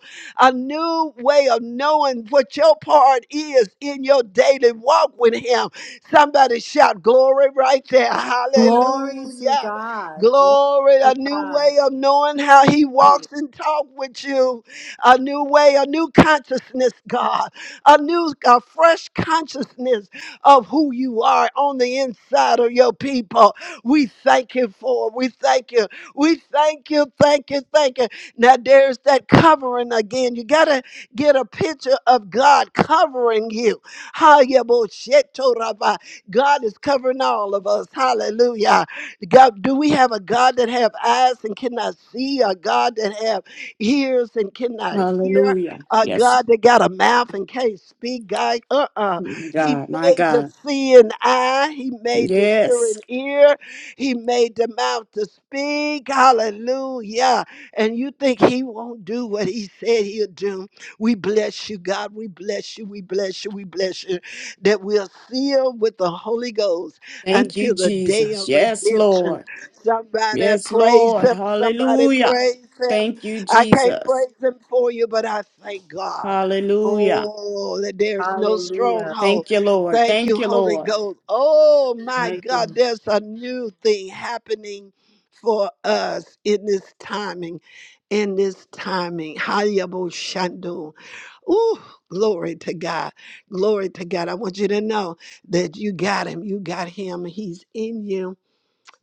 A: a new way of knowing what your part is in your daily walk with Him. Somebody shout glory right there.
C: glory to
A: Hallelujah.
C: God. Glory
A: Glory, a
C: to
A: new
C: God.
A: way of knowing how he
C: Glory.
A: walks and talks with you. A new way, a new consciousness, God. A new, a fresh consciousness of who you are on the inside of your people. We thank you for it. We thank you. We thank you, thank you, thank you. Now there's that covering again. You gotta get a picture of God covering you. Hayaboshetorabai. God is covering all of us. Hallelujah. God, do we have a God that have eyes and cannot see? A God that have ears and cannot hear?
B: Hallelujah.
A: A
B: Yes,
A: God that got a mouth and can't speak? God, uh-uh. He
B: God, my
A: made to
B: God.
A: see an eye. He made to hear
B: Yes.
A: an ear. He made the mouth to speak. Hallelujah and you think he won't do what he said he'll do. We bless you, God. We bless you. We bless you. We bless you. That we're sealed with the Holy Ghost
B: Thank you,
A: until the day
B: Jesus.
A: of
B: Yes,
A: redemption.
B: Lord.
A: Somebody
B: Yes,
A: praise
B: Lord.
A: him. Somebody
B: Hallelujah.
A: praise him.
B: Thank you,
A: I can't
B: Jesus.
A: praise him for you, but I thank God.
B: Hallelujah.
A: Oh, that there's no
C: Hallelujah.
A: stronghold.
B: Thank you, Lord.
A: Thank you,
B: Thank you,
A: Holy
B: Lord.
A: Ghost. Oh my
C: Thank
A: God,
C: you.
A: there's a new thing happening for us in this timing in this timing. Hayabo Shando. Ooh, glory to God. Glory to God. I want you to know that you got him. You got him. He's in you.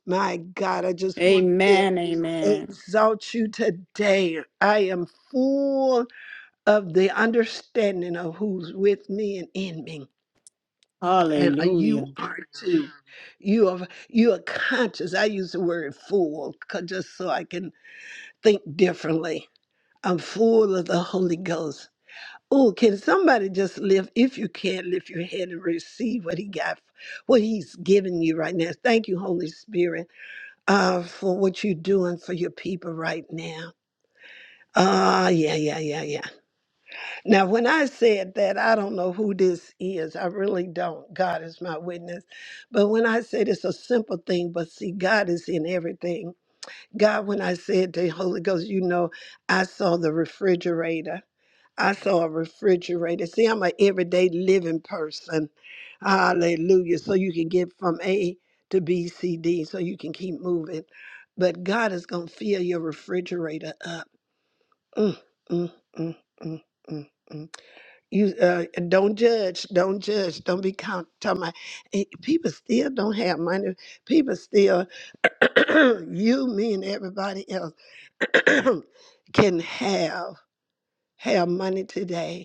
A: My God, I just wanted to
B: Amen. Amen.
A: exalt you today. I am full of the understanding of who's with me and in me. And uh, you
B: Hallelujah.
A: are too. You are you are conscious. I use the word full 'cause- just so I can think differently. I'm full of the Holy Ghost. Oh, can somebody just lift, if you can, lift your head and receive what he got, what he's giving you right now. Thank you, Holy Spirit, uh, for what you're doing for your people right now. Ah, yeah, yeah, yeah, yeah. Now, when I said that, I don't know who this is. I really don't. God is my witness. But when I said it's a simple thing, but see, God is in everything. God, when I said the Holy Ghost, you know, I saw the refrigerator I saw a refrigerator. See, I'm an everyday living person. Hallelujah. So you can get from A to B, C, D, so you can keep moving. But God is going to fill your refrigerator up. Mm, mm, mm, mm, mm, mm. You uh, don't judge. Don't judge. Don't be count, talking about eh, people still don't have money. People still, you, me, and everybody else can have have money today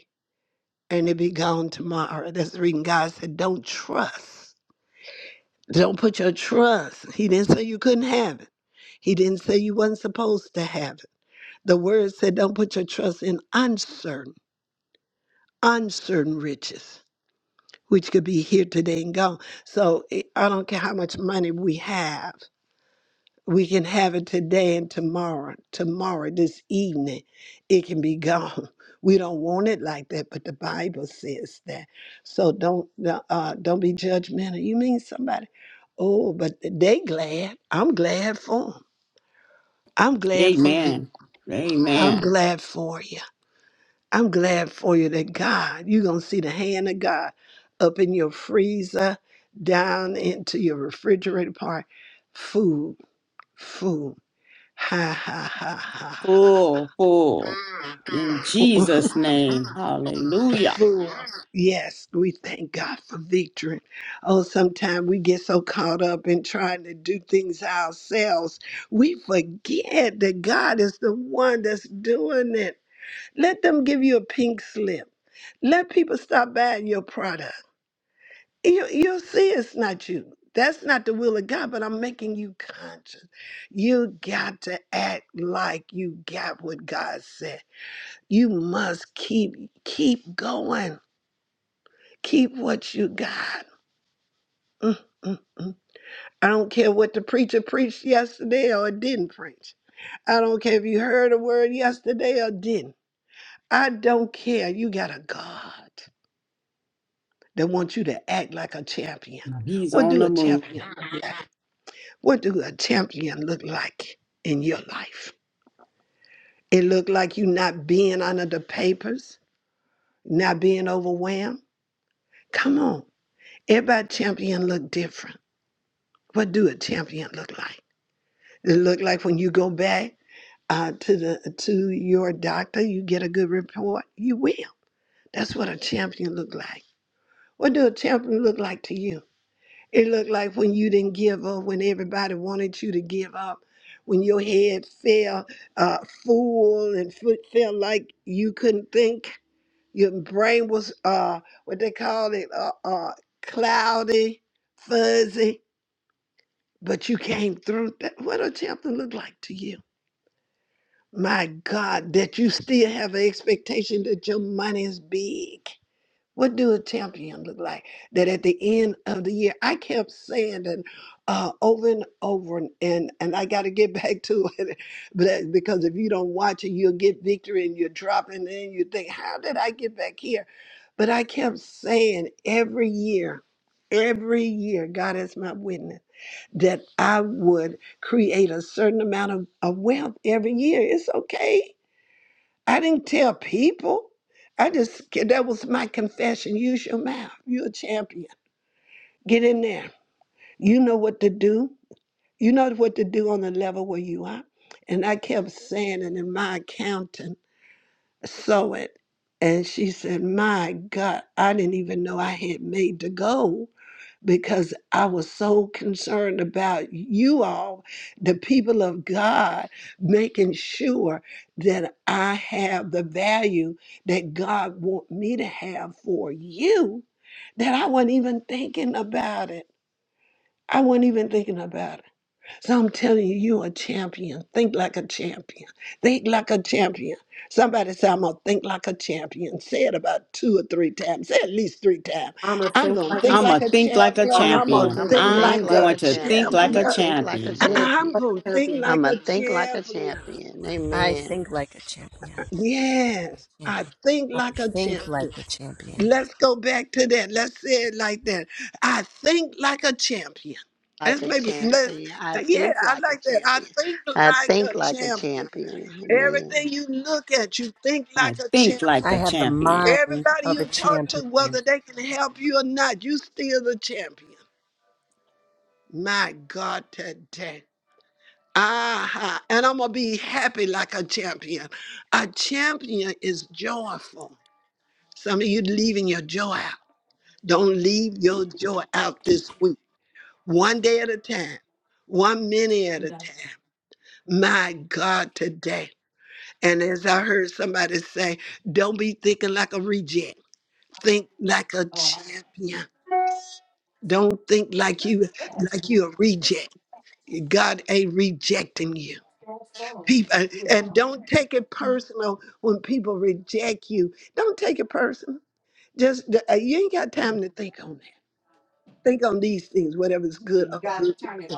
A: and it be gone tomorrow. That's the reason God said, don't trust. Don't put your trust. He didn't say you couldn't have it. He didn't say you wasn't supposed to have it. The word said, don't put your trust in uncertain, uncertain riches, which could be here today and gone. So it- I don't care how much money we have. We can have it today and tomorrow, tomorrow, this evening. It can be gone. We don't want it like that, but the Bible says that. So don't uh, don't be judgmental. You mean somebody? Oh, but they glad. I'm glad for them. 'em. I'm glad for you.
B: Amen.
A: I'm
B: Amen.
A: glad for you. I'm glad for you that God, you're going to see the hand of God up in your freezer, down into your refrigerator part. Food, food. Ha ha ha ha
B: Full, full. In
A: ha.
B: Jesus' name. Hallelujah.
A: Fools. Yes, we thank God for victory. Oh, sometimes we get so caught up in trying to do things ourselves, we forget that God is the one that's doing it. Let them give you a pink slip. Let people stop buying your product. You, you'll see it's not you. That's not the will of God, but I'm making you conscious. You got to act like you got what God said. You must keep keep going. Keep what you got. Mm, mm, mm. I don't care what the preacher preached yesterday or didn't preach. I don't care if you heard a word yesterday or didn't. I don't care. You got a God that wants you to act like a champion.
B: He's
A: What
B: on
A: do
B: the
A: a
B: move.
A: champion look like? What do a champion look like in your life? It look like you not being under the papers, not being overwhelmed. Come on. Everybody champion look different. What do a champion look like? It look like when you go back uh, to the to your doctor, you get a good report. You will. That's what a champion look like. What do a champion look like to you? It looked like when you didn't give up, when everybody wanted you to give up, when your head fell uh, full and foot felt like you couldn't think. Your brain was uh, what they call it uh, uh, cloudy, fuzzy but you came through that. What a chapter look like to you? My God, that you still have an expectation that your money is big. What do a champion look like? That at the end of the year, I kept saying that uh, over and over, and and, and I got to get back to it, but that- because if you don't watch it, you'll get victory and you're dropping, and then you think, how did I get back here? But I kept saying every year, every year, God is my witness that I would create a certain amount of, of wealth every year. It's okay. I didn't tell people. I just, that was my confession. Use your mouth. You're a champion. Get in there. You know what to do. You know what to do on the level where you are. And I kept saying it, and my accountant saw it. And she said, My God, I didn't even know I had made the goal. because I was so concerned about you all, the people of God, making sure that I have the value that God want me to have for you, that I wasn't even thinking about it. I wasn't even thinking about it. So I'm telling you, you a champion. Think like a champion. Think like a champion. Somebody say, I'm going to think like a champion. Say it about two or three times. Say it at least three times.
C: I'm a
A: I'm
C: think
A: going to
C: like a
A: think
B: I'm
C: champion.
A: like
B: going to
A: a
B: think like a
A: champion.
C: I'm a
A: I'm going to
C: think
B: champion.
C: like a
D: I'm going to
A: think
C: champion.
D: think
B: I'm
A: like
D: like
A: a
B: going
D: a
B: to think
D: champion.
B: like
D: I'm
B: a
D: going to
A: champion.
D: think like a
B: champion.
C: I'm a think
A: I'm
D: champion.
C: like
A: going to
C: a
A: think
C: champion.
D: I'm
A: like
D: going
A: a
D: to think like a
A: champion.
D: champion.
E: I
D: Amen.
E: think like a champion.
A: Yes, I
E: Champion.
A: think
E: I
A: like a
E: think
A: champion.
E: like a champion.
A: Let's go back to that. Let's say it like that. I think like a champion.
D: Like
A: That's
D: a
A: maybe let's
D: champion. I
A: yeah,
D: think
A: I
D: like a
A: like that. I
D: champion.
A: think
D: I
A: like
D: think
A: a
D: like a
A: champion.
D: champion.
A: Everything
D: Amen.
A: you look at, you think
B: I
A: like a
B: think
A: champion.
B: like
E: I
B: a
E: have the
B: champion.
E: mind
A: Everybody
E: of a
A: you talk to,
E: champion.
A: whether they can help you or not, you still the champion. My God, today. Aha. And I'm gonna be happy like a champion. A champion is joyful. Some of you leaving your joy out. Don't leave your joy out this week. One day at a time, one minute at a time. My God, today. And as I heard somebody say, don't be thinking like a reject. Think like a champion. Don't think like you like you a reject. God ain't rejecting you. People and don't take it personal when people reject you. Don't take it personal. Just uh, you ain't got time to think on that. Think on these things, whatever's good of a good report.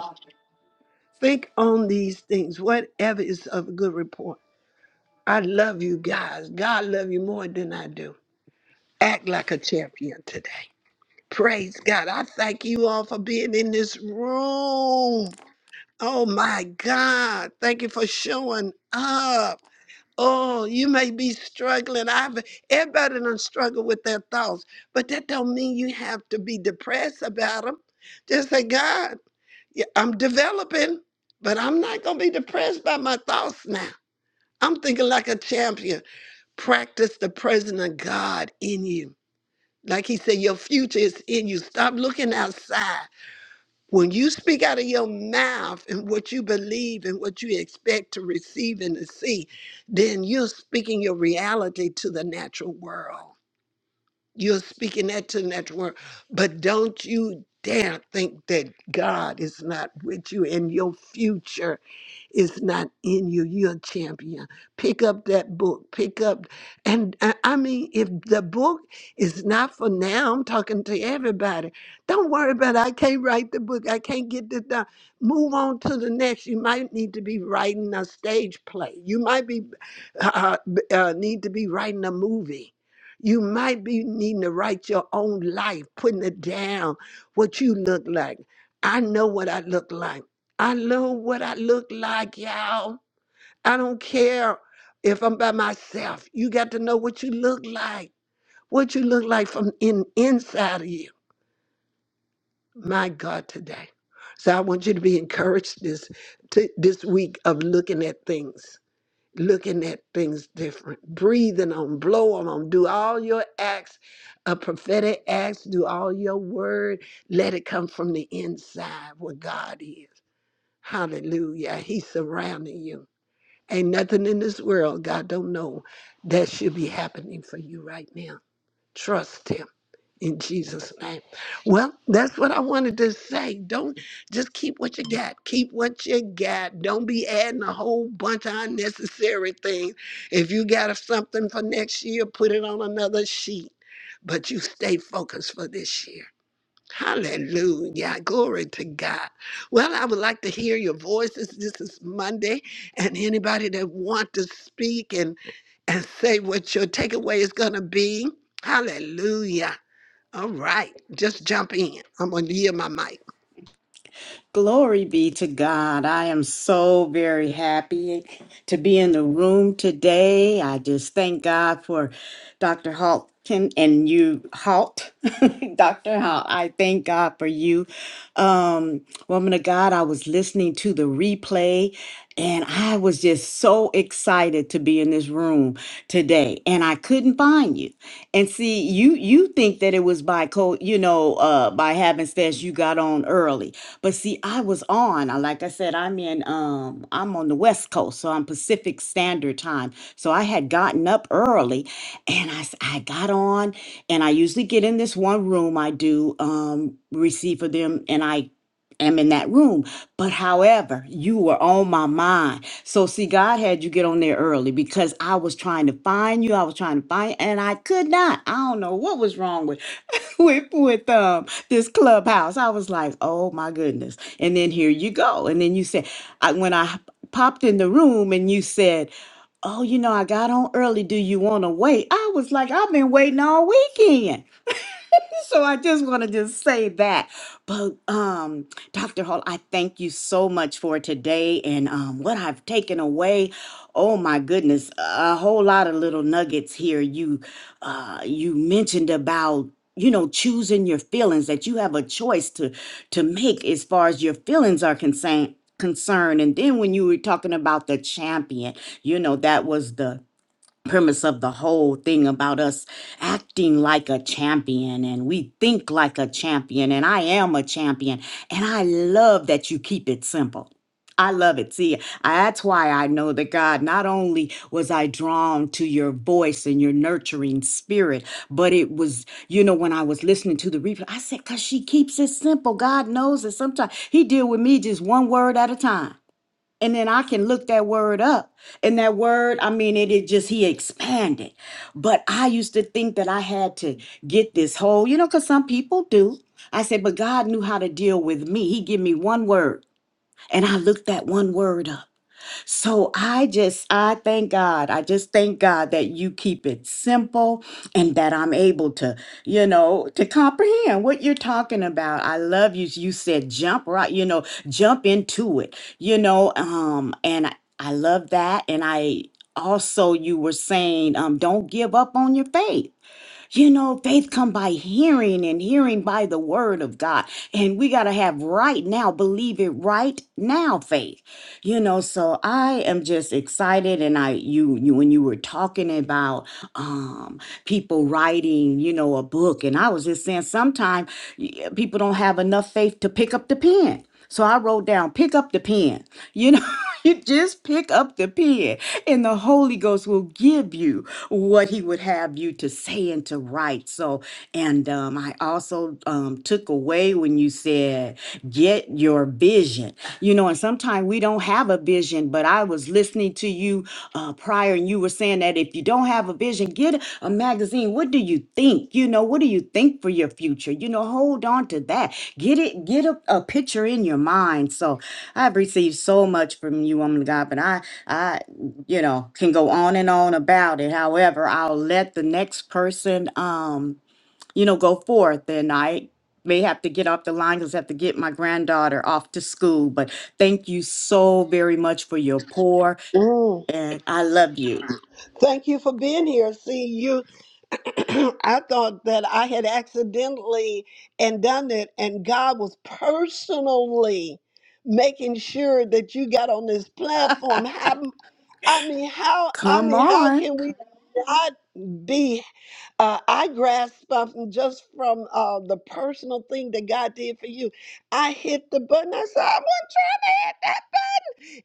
A: Think on these things, whatever is of good report. I love you guys. God love you more than I do. Act like a champion today. Praise God. I thank you all for being in this room. Oh my God. Thank you for showing up. Oh, you may be struggling. I've everybody done struggle with their thoughts, but that don't mean you have to be depressed about them. Just say, God. Yeah, I'm developing, but I'm not going to be depressed by my thoughts now. I'm thinking like a champion. Practice the presence of God in you. Like he said, your future is in you. Stop looking outside. When you speak out of your mouth and what you believe and what you expect to receive and to see, then you're speaking your reality to the natural world. You're speaking that to the natural world. But don't you dare think that God is not with you in your future is not in you. You're a champion. Pick up that book. Pick up, and I I mean, if the book is not for now, I'm talking to everybody. Don't worry about it. I can't write the book. I can't get this done. Move on to the next. You might need to be writing a stage play. You might be uh, uh, b- uh, need to be writing a movie. You might be needing to write your own life, putting it down, what you look like. I know what I look like. I know what I look like, y'all. I don't care if I'm by myself. You got to know what you look like, what you look like from in inside of you. My God, today. So I want you to be encouraged this to, this week of looking at things, looking at things different, breathing on, blowing on, do all your acts, uh, prophetic acts, do all your word. Let it come from the inside where God is. Hallelujah. He's surrounding you. Ain't nothing in this world God don't know that should be happening for you right now. Trust Him in Jesus' name. Well, that's what I wanted to say. Don't just keep what you got. Keep what you got. Don't be adding a whole bunch of unnecessary things. If you got something for next year, put it on another sheet. But you stay focused for this year. Hallelujah. Glory to God. Well, I would like to hear your voices. This is Monday. And anybody that want to speak and, and say what your takeaway is going to be, hallelujah. All right. Just jump in. I'm going to yield my mic.
B: Glory be to God. I am so very happy to be in the room today. I just thank God for Dr. Halton and you, Halt, Dr. Halt. I thank God for you. Um, woman of God, I was listening to the replay and I was just so excited to be in this room today and I couldn't find you. And see, you you think that it was by co, you know, uh by happenstance you got on early but see, I was on, I like I said, I'm in um I'm on the West Coast, so I'm Pacific Standard Time. So I had gotten up early and I s- I got on and I usually get in this one room I do um receive for them and I am in that room. But however, you were on my mind. So see, God had you get on there early because I was trying to find you. I was trying to find and I could not. I don't know what was wrong with with with um this clubhouse. I was like, oh my goodness. And then here you go. And then you said, I, when I popped in the room and you said, oh, you know, I got on early. Do you want to wait? I was like, I've been waiting all weekend. so I just want to just say that. But um, Dr. Hall, I thank you so much for today and um, what I've taken away. Oh my goodness, a whole lot of little nuggets here. You uh, you mentioned about you know choosing your feelings that you have a choice to to make as far as your feelings are concerned concerned and then when you were talking about the champion you know that was the premise of the whole thing about us acting like a champion and we think like a champion and I am a champion and I love that you keep it simple. I love it. See, I- that's why I know that God, not only was I drawn to your voice and your nurturing spirit, but it was, you know, when I was listening to the replay, I said, because she keeps it simple. God knows that sometimes He deal with me just one word at a time and then I can look that word up. And that word, I mean, it, it just, he expanded. But I used to think that I had to get this whole, you know, because some people do. I said, but God knew how to deal with me. He gave me one word, and I looked that one word up. So I just, I thank God. I just thank God that you keep it simple and that I'm able to, you know, to comprehend what you're talking about. I love you. You said jump right, you know, jump into it, you know, um, and I, I love that. And I also, you were saying, um, don't give up on your faith you know, faith come by hearing and hearing by the word of God. And we got to have right now, believe it right now faith. You know, so I am just excited and I you you when you were talking about um people writing, you know, a book and I was just saying sometimes people don't have enough faith to pick up the pen. So I wrote down pick up the pen. You know, you just pick up the pen and the Holy Ghost will give you what he would have you to say and to write. So, and um, I also um, took away when you said, get your vision. You know, and sometimes we don't have a vision, but I was listening to you uh, prior and you were saying that if you don't have a vision, get a magazine. What do you think? You know, what do you think for your future? You know, hold on to that. Get it, get a, a picture in your mind. So I've received so much from you, woman of God, but I, I you know, can go on and on about it. However, I'll let the next person, um, you know, go forth and I may have to get off the line because I have to get my granddaughter off to school. But thank you so very much for your pour
A: Mm.
B: and I love you.
A: Thank you for being here. See you. I thought that I had accidentally and done it, and God was personally making sure that you got on this platform. I mean, how? I
B: Come
A: mean, how
B: on.
A: can we not be? Uh, I grasped something just from uh, the personal thing that God did for you. I hit the button. I said, "I want to try that."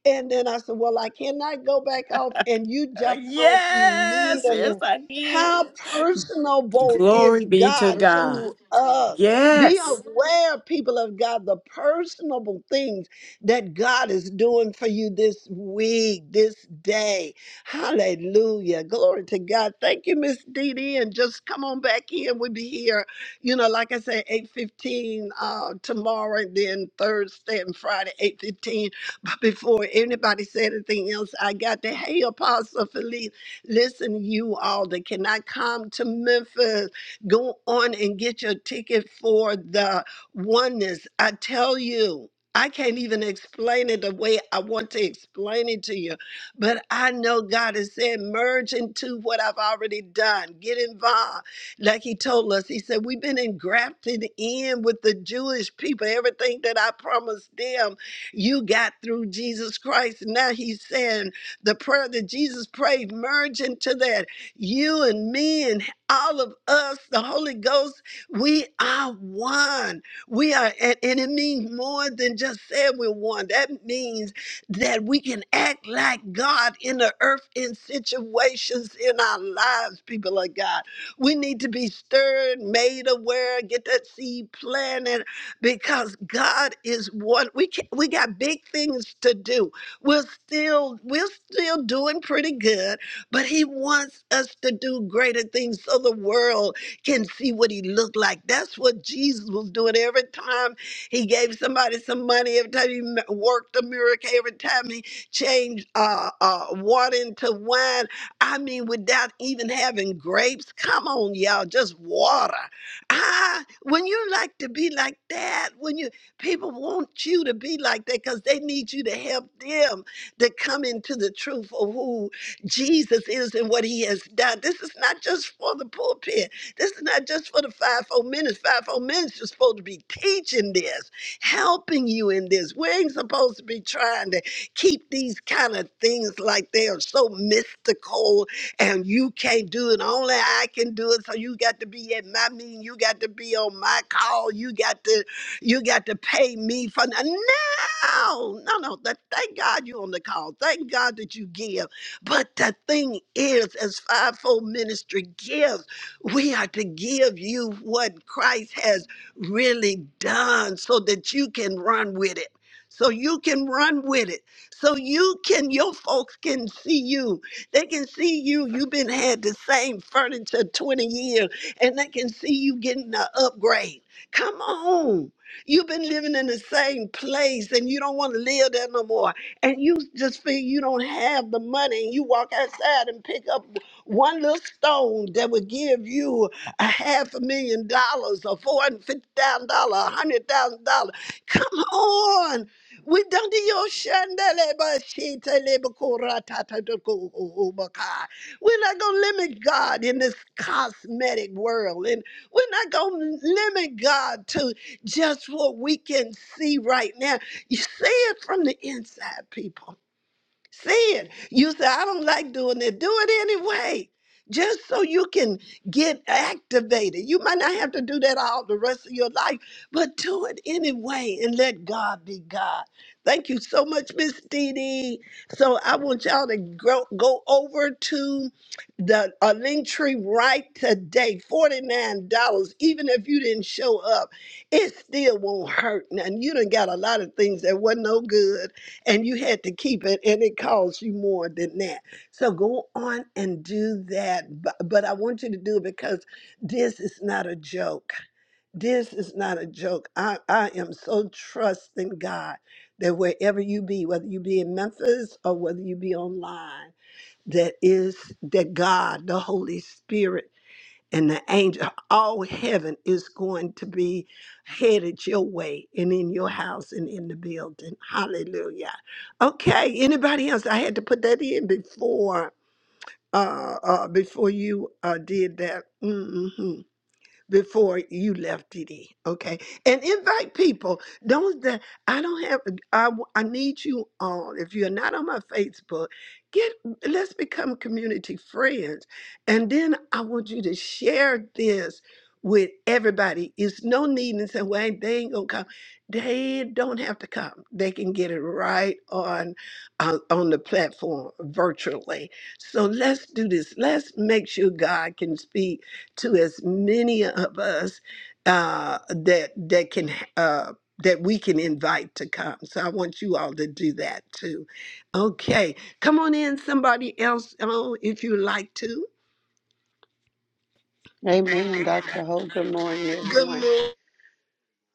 A: And then I said, Well, I cannot go back off. And you
B: Uh,
A: jumped on
B: Yes, yes,
A: immediately.
B: I did.
A: How personable is
B: Glory be to
A: God
B: God.
A: to us? Be
B: Yes.
A: aware, people of God, the personable things that God is doing for you this week, this day. Hallelujah. Glory to God. Thank you, Miss Dee Dee. And just come on back in. We'll be here, you know, like I said, 8.15 uh, tomorrow, and then Thursday and Friday, 8.15 but before anybody said anything else, I got the hey, Apostle Philippe, listen, you all that cannot come to Memphis, go on and get your ticket for the oneness. I tell you. I can't even explain it the way I want to explain it to you, but I know God has said, merge into what I've already done. Get involved like he told us. He said, We've been engrafted in with the Jewish people, everything that I promised them. You got through Jesus Christ. Now he's saying the prayer that Jesus prayed, merge into that. You and me and all of us, the Holy Ghost, we are one. We are, and, and it means more than just saying we're one. That means that we can act like God in the earth in situations in our lives, people of God. We need to be stirred, made aware, get that seed planted, because God is one. We can, we got big things to do. We're still we're still doing pretty good, but He wants us to do greater things so the world can see what He looked like. That's what Jesus was doing every time He gave somebody some money. Every time He m- worked a miracle. Every time He changed uh, uh, water into wine. I mean, without even having grapes. Come on, y'all, just water. Ah, when you like to be like that, when you people want you to be like that because they need you to help them to come into the truth of who Jesus is and what he has done. This is not just for the pulpit. This is not just for the fivefold minutes. Fivefold minutes is supposed to be teaching this, helping you in this. We ain't supposed to be trying to keep these kind of things like they are so mystical and you can't do it. Only I can do it. So you got to be at my meeting. You got to be on my call. You got to, you got to pay me for no, no, no. That, thank God you on the call. Thank God that you give. But the thing is, as fivefold ministry gives, we are to give you what Christ has really done, so that you can run with it. So you can run with it. So you can, your folks can see you. They can see you. You've been had the same furniture 20 years, and they can see you getting an upgrade. Come on. You've been living in the same place and you don't want to live there no more. And you just feel you don't have the money. And you walk outside and pick up one little stone that would give you a half a million dollars or four hundred fifty thousand dollars, a hundred thousand dollars. Come on. We done the Yoshandele Bashita Lebakura Tata Duku Ubaka. We're not gonna limit God in this cosmetic world, and we're not gonna limit God to just what we can see right now. You see it from the inside, people. Say it. You say, I don't like doing it. Do it anyway. Just so you can get activated. You might not have to do that all the rest of your life, but do it anyway and let God be God. Thank you so much, Miss Dee Dee. So I want y'all to go, go over to the uh, link tree right today. $49. Even if you didn't show up, it still won't hurt. Now, you done got a lot of things that wasn't no good and you had to keep it and it cost you more than that so go on and do that but but i want you to do it because this is not a joke this is not a joke i, I am so trusting god that wherever you be whether you be in memphis or whether you be online that is that god the holy spirit and the angel all heaven is going to be headed your way and in your house and in the building hallelujah okay anybody else i had to put that in before uh, uh before you uh did that hmm before you left TD. Okay, and invite people. Don't that I don't have. I I need you on. If you're not on my Facebook, get let's become community friends, and then I want you to share this. With everybody, it's no need and say, "Well, ain't- they ain't gonna come." They don't have to come. They can get it right on uh, on the platform virtually. So let's do this. Let's make sure God can speak to as many of us uh, that that can uh, that we can invite to come. So I want you all to do that too. Okay, come on in, somebody else, oh, if you like to.
D: Amen. Dr. Ho, good morning,
A: Good
D: everyone.
A: morning.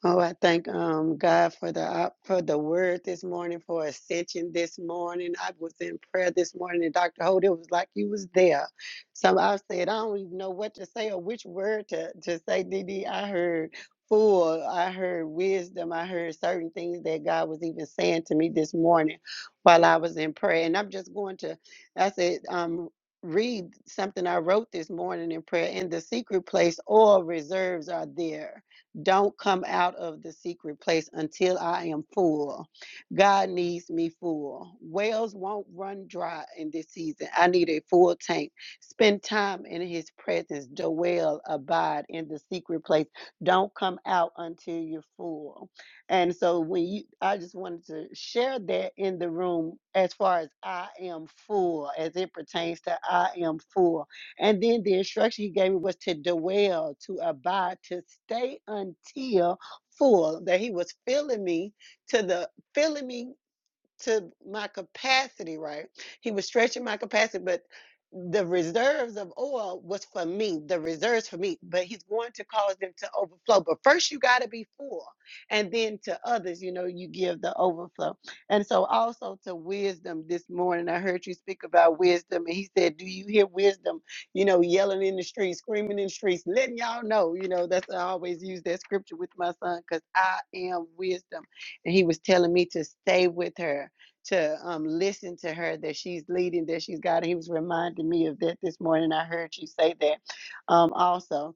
D: Oh, I thank um, God for the op- for the word this morning, for ascension this morning. I was in prayer this morning, and Dr. Holt, it was like you was there. So I said, I don't even know what to say or which word to, to say, DD. I heard fool, I heard wisdom, I heard certain things that God was even saying to me this morning while I was in prayer. And I'm just going to, I said, um, read something I wrote this morning in prayer. In the secret place, all reserves are there don't come out of the secret place until I am full. God needs me full. Wells won't run dry in this season. I need a full tank. Spend time in his presence. Dwell, abide in the secret place. Don't come out until you're full. And so when you I just wanted to share that in the room as far as I am full, as it pertains to I am full and then the instruction he gave me was to dwell, to abide, to stay until full. That he was filling me to the filling me to my capacity, right? He was stretching my capacity, but the reserves of oil was for me, the reserves for me, but he's going to cause them to overflow. But first, you got to be full, and then to others, you know, you give the overflow. And so, also to wisdom this morning, I heard you speak about wisdom, and he said, Do you hear wisdom, you know, yelling in the streets, screaming in the streets, letting y'all know, you know, that's I always use that scripture with my son because I am wisdom and he was telling me to stay with her to um, listen to her that she's leading, that she's got. He was reminding me of that this morning. I heard you say that um, also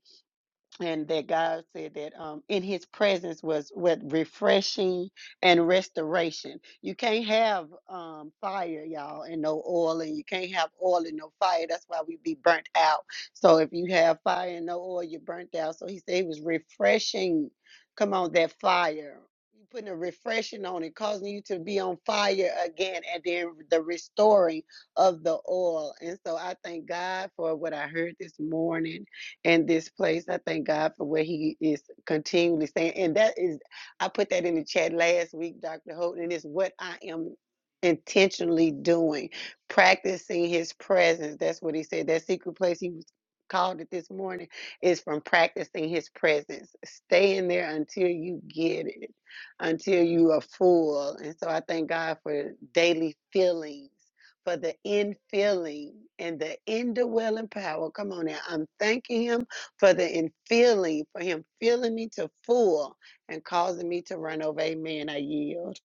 D: and that God said that um, in His presence was with refreshing and restoration. You can't have um, fire, y'all, and no oil, and you can't have oil and no fire. That's why we be burnt out. So if you have fire and no oil, you're burnt out. So He said it was refreshing. Come on, that fire. You Putting a refreshing on it, causing you to be on fire again, and then the restoring of the oil. And so I thank God for what I heard this morning in this place. I thank God for what He is continually saying. And that is, I put that in the chat last week, Dr. Houghton, and it's what I am intentionally doing, practicing His presence. That's what He said. That secret place He was called it this morning is from practicing His presence. Stay in there until you get it, until you are full. And so I thank God for daily feelings for the infilling and the indwelling power. Come on now. I'm thanking him for the infilling, for him filling me to full and causing me to run over. Amen. I yield.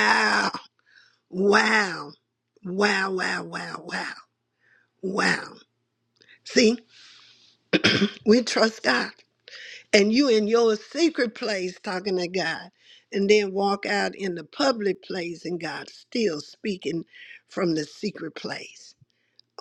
A: Wow, wow, wow, wow, wow, wow, wow. See, we trust God, and you in your secret place talking to God. And then walk out in the public place, and God still speaking from the secret place.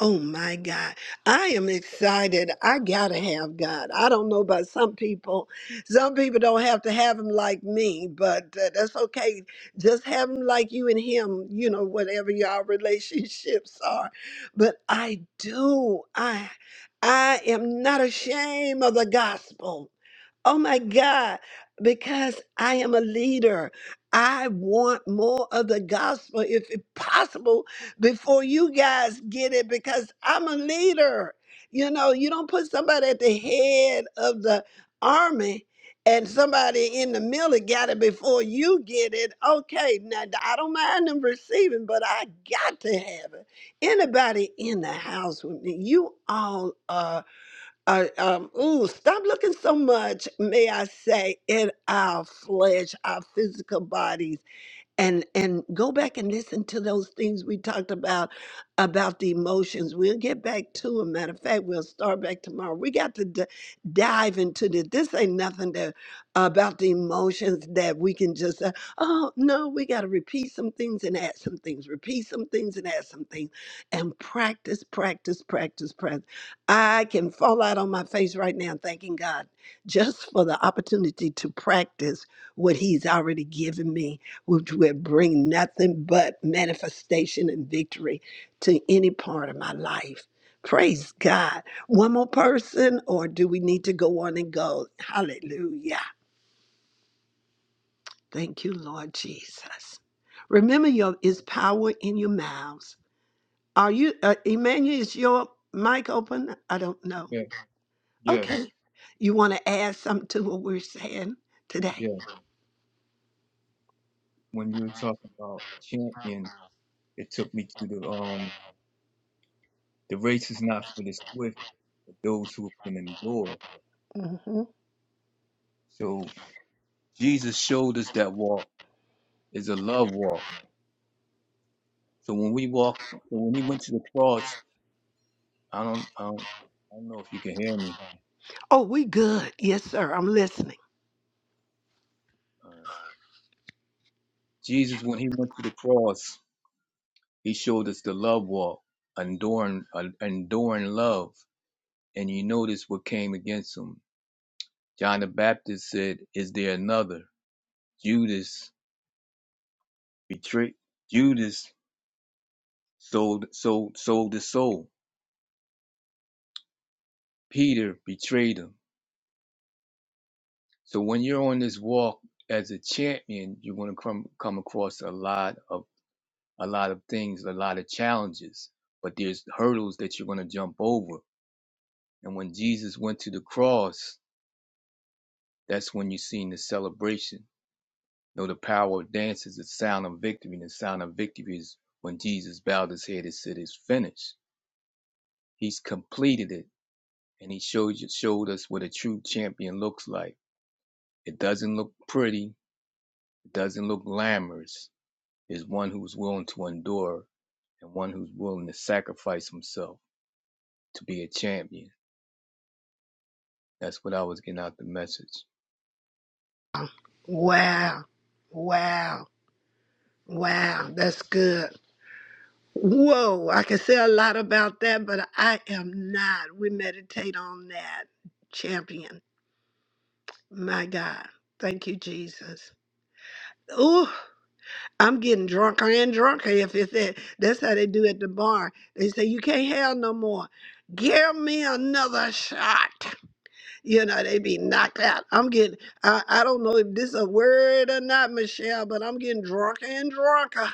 A: Oh my God. I am excited. I gotta have God. I don't know about some people. Some people don't have to have him like me, but uh, that's okay. Just have him like you and him, you know, whatever your relationships are. But I do. I I am not ashamed of the gospel. Oh my God, because I am a leader. I want more of the gospel, if it possible, before you guys get it, because I'm a leader. You know, you don't put somebody at the head of the army and somebody in the middle got it before you get it. Okay, now I don't mind them receiving, but I got to have it. Anybody in the house with me, you all are uh, um, ooh, stop looking so much, may I say, in our flesh, our physical bodies and and go back and listen to those things we talked about about the emotions we'll get back to them matter of fact we'll start back tomorrow we got to d- dive into this this ain't nothing that about the emotions that we can just say oh no we got to repeat some things and add some things repeat some things and add some things and practice practice practice practice i can fall out on my face right now thanking god just for the opportunity to practice what he's already given me which will bring nothing but manifestation and victory to any part of my life. Praise God. One more person, or do we need to go on and go? Hallelujah. Thank you, Lord Jesus. Remember, your is power in your mouths. Are you, uh, Emmanuel, is your mic open? I don't know.
F: Yeah, yes,
A: Okay. You want to add something to what we're saying today?
F: yeah. When you were talking about champion, it took me to the um the race is not for the swift, but those who can endure.
A: hmm
F: So Jesus showed us that walk is a love walk. So when we walk, so when he went to the cross, I don't, I don't, I don't know if you can hear me.
A: Oh, we good. Yes, sir. I'm listening.
F: All right. Jesus, when he went to the cross, he showed us the love walk, enduring, uh, enduring love. And you notice what came against him. John the Baptist said, "Is there another?" Judas betrayed Judas sold sold sold his soul. Peter betrayed him. So when you're on this walk as a champion, you're gonna come come across a lot of a lot of things, a lot of challenges, but there's hurdles that you're gonna jump over. And when Jesus went to the cross, that's when you seen the celebration. You know the power of dance is the sound of victory, and the sound of victory is when Jesus bowed his head and said, "It's finished." He's completed it. and he showed showed us what a true champion looks like. It doesn't look pretty. It doesn't look glamorous. It's one who's willing to endure and one who's willing to sacrifice himself to be a champion. That's what I was getting out the message.
A: Wow. Wow. Wow, that's good. Whoa, I can say a lot about that, but I am not. We meditate on that. Champion. My God. Thank you, Jesus. Ooh, I'm getting drunker and drunker if it's that. That's how they do at the bar. They say, You can't have no more. Give me another shot. You know, they be knocked out. I'm getting, I, I don't know if this a word or not, Michelle, but I'm getting drunker and drunker.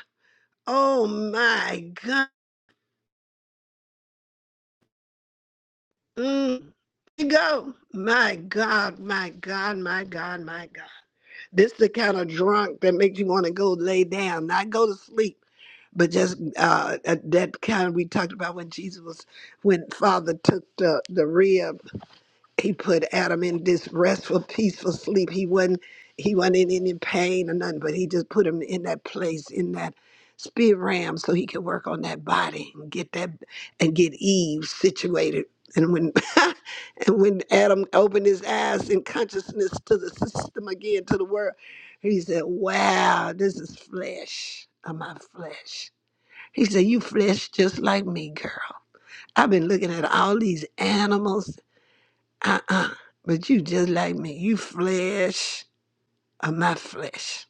A: Oh my God. Mm, you go. My God, my God, my God, my God. This the kind of drunk that makes you want to go lay down, not go to sleep, but just uh, uh, that kind we talked about when Jesus was, when Father took the, the rib he put Adam in this restful, peaceful sleep. He wasn't he wasn't in any pain or nothing, but he just put him in that place, in that spirit realm, so he could work on that body and get that and get Eve situated. And when and when Adam opened his eyes in consciousness to the system again, to the world, he said, Wow, this is flesh of my flesh. He said, You flesh just like me, girl. I've been looking at all these animals uh-uh. But you just like me. You flesh of my flesh.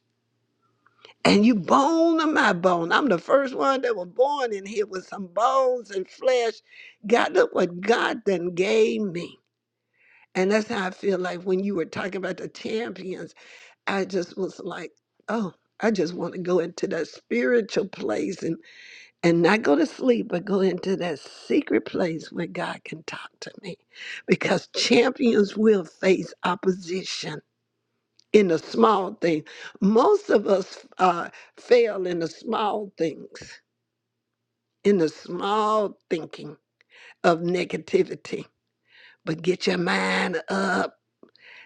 A: And you bone of my bone. I'm the first one that was born in here with some bones and flesh. God, look what God then gave me. And that's how I feel like when you were talking about the champions, I just was like, oh, I just want to go into that spiritual place and, and not go to sleep, but go into that secret place where God can talk to me. Because champions will face opposition in the small things. Most of us uh, fail in the small things, in the small thinking of negativity. But get your mind up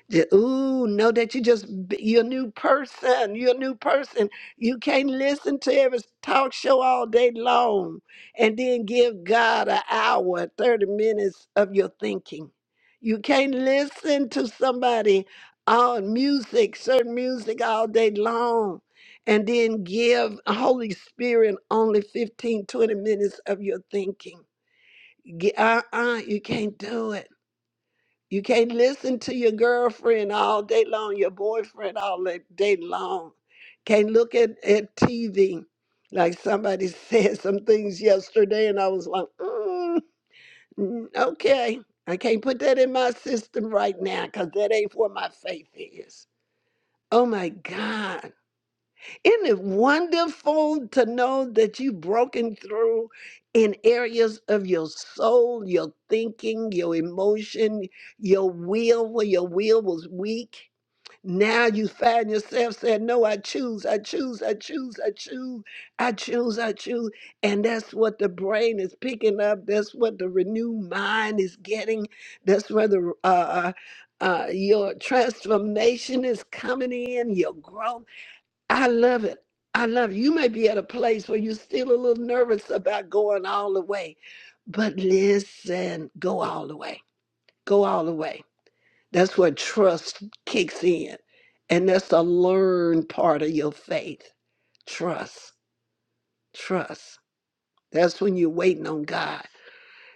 A: yeah, Ooh, know that you just b- you're a new person. You're a new person. You can't listen to every talk show all day long, and then give God an hour, and thirty minutes of your thinking. You can't listen to somebody on music, certain music all day long, and then give Holy Spirit only 15, 20 minutes of your thinking. Ge- Uh-uh, you can't do it. You can't listen to your girlfriend all day long, your boyfriend all la- day long. Can't look at, at TV. Like somebody said some things yesterday, and I was like, mm, mm, okay, I can't put that in my system right now because that ain't where my faith is. Oh my God. Isn't it wonderful to know that you've broken through in areas of your soul, your thinking, your emotion, your will, where your will was weak? Now you find yourself saying, No, I choose, I choose, I choose, I choose, I choose, I choose. And that's what the brain is picking up. That's what the renewed mind is getting. That's where the uh, uh, uh, your transformation is coming in, your growth. I love it. I love it. You may be at a place where you're still a little nervous about going all the way, but listen, go all the way. Go all the way. That's where trust kicks in. And that's a learned part of your faith. Trust. Trust. That's when you're waiting on God.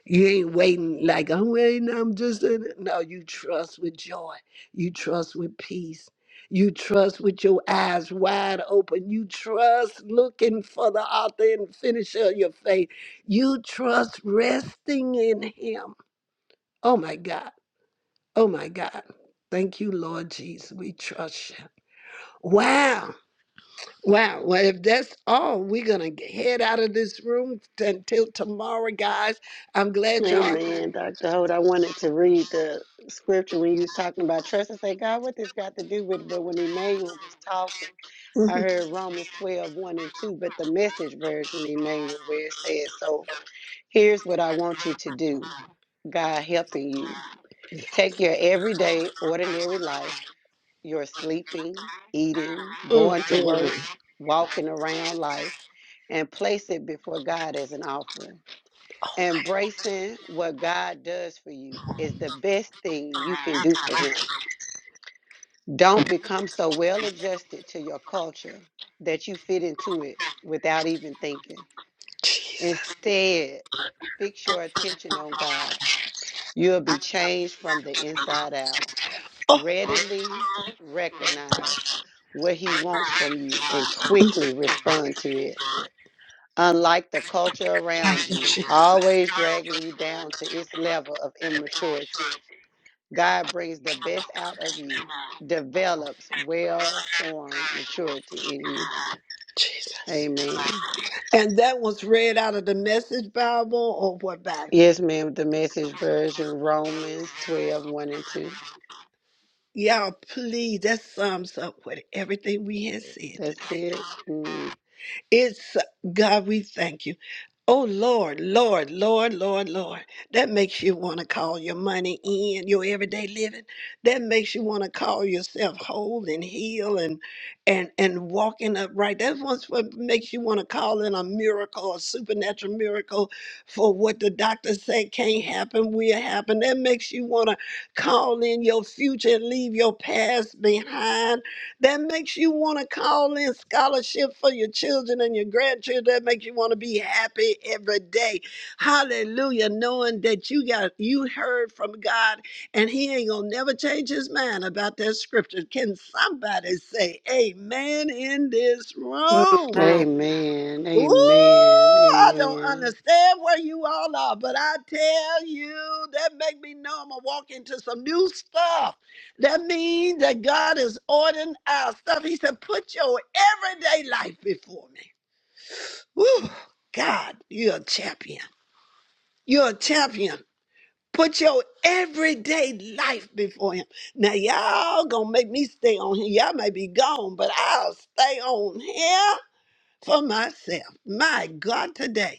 A: You ain't waiting like I'm waiting. I'm just in no. You trust with joy. You trust with peace. You trust with your eyes wide open. You trust looking for the author and finisher of your faith. You trust resting in Him. Oh my God. Oh my God. Thank you, Lord Jesus. We trust you. Wow. Wow. Well, if that's all, we're going to head out of this room t- until tomorrow, guys. I'm glad y'all.
D: Amen. Dr. Holt, I wanted to read the scripture when you was talking about trust. I said, God, what this got to do with it? But when Emmanuel was talking, I heard Romans 12, one and 2, but the message version, Emmanuel, where it says, So here's what I want you to do. God helping you. Take your everyday, ordinary life, your sleeping, eating,
A: Mm,
D: going to work,
A: mm.
D: walking around life, and place it before God as an offering. Embracing what God does for you is the best thing you can do for Him. Don't become so well adjusted to your culture that you fit into it without even thinking.
A: Jesus.
D: Instead, fix your attention on God. You'll be changed from the inside out.
A: Oh,
D: readily recognize what he wants from you and quickly respond to it. Unlike the culture around
A: thank you,
D: you,
A: Jesus.
D: always dragging you down to its level of immaturity, God brings the best out of you, develops well formed maturity in you.
A: Jesus.
D: Amen.
A: And that was read out of the Message Bible or what Bible?
D: Yes, ma'am. The message version, Romans twelve one and 2.
A: Y'all, please, that sums up what everything we had said
D: That's
A: today.
D: it. Mm.
A: It's God, we thank you. Oh Lord, Lord, Lord, Lord, Lord. That makes you want to call your money in, your everyday living. That makes you want to call yourself whole and heal and and and walking upright. That's what's what makes you want to call in a miracle, a supernatural miracle for what the doctor said can't happen, will happen. That makes you want to call in your future and leave your past behind that makes you want to call in scholarship for your children and your grandchildren. That makes you want to be happy every day. Hallelujah. Knowing that you got you heard from God and he ain't gonna never change his mind about that scripture. Can somebody say amen in this room?
C: Amen.
D: Amen.
A: Ooh,
D: Amen.
A: I don't
D: Amen.
A: understand where you all are, but I tell you, that make me know I'm gonna walk into some new stuff. That means that God is ordering our stuff. He said, put your everyday life before me. Woo, God, you're a champion. You're a champion. Put your everyday life before him. Now y'all gonna make me stay on here. Y'all may be gone, but I'll stay on here for myself. My God, today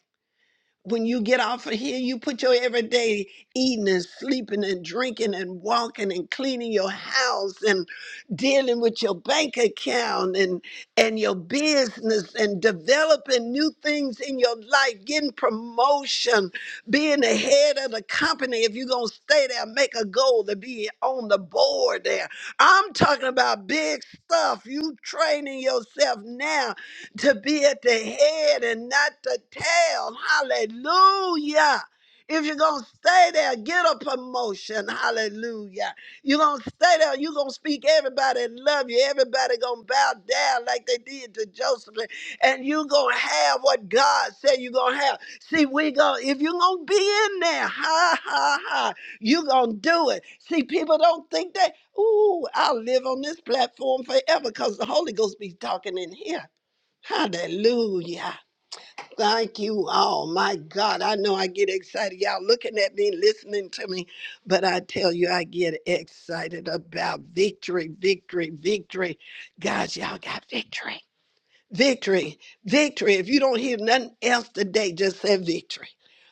A: when you get off of here, you put your everyday eating and sleeping and drinking and walking and cleaning your house and dealing with your bank account and and your business and developing new things in your life, getting promotion, being the head of the company. If you're gonna stay there, make a goal to be on the board there. I'm talking about big stuff. You training yourself now to be at the head and not the tail. Hallelujah. If you're going to stay there, get a promotion. Hallelujah. You're going to stay there. You're going to speak everybody and love you. Everybody going to bow down like they did to Joseph. And you're going to have what God said you're going to have. See, we going to if you're going to be in there, ha, ha, ha, you're going to do it. See, people don't think that, ooh, I'll live on this platform forever because the Holy Ghost be talking in here. Hallelujah. Thank you all. My God, I know I get excited. Y'all looking at me, listening to me, but I tell you, I get excited about victory, victory, victory. Guys, y'all got victory, victory, victory. If you don't hear nothing else today, just say victory.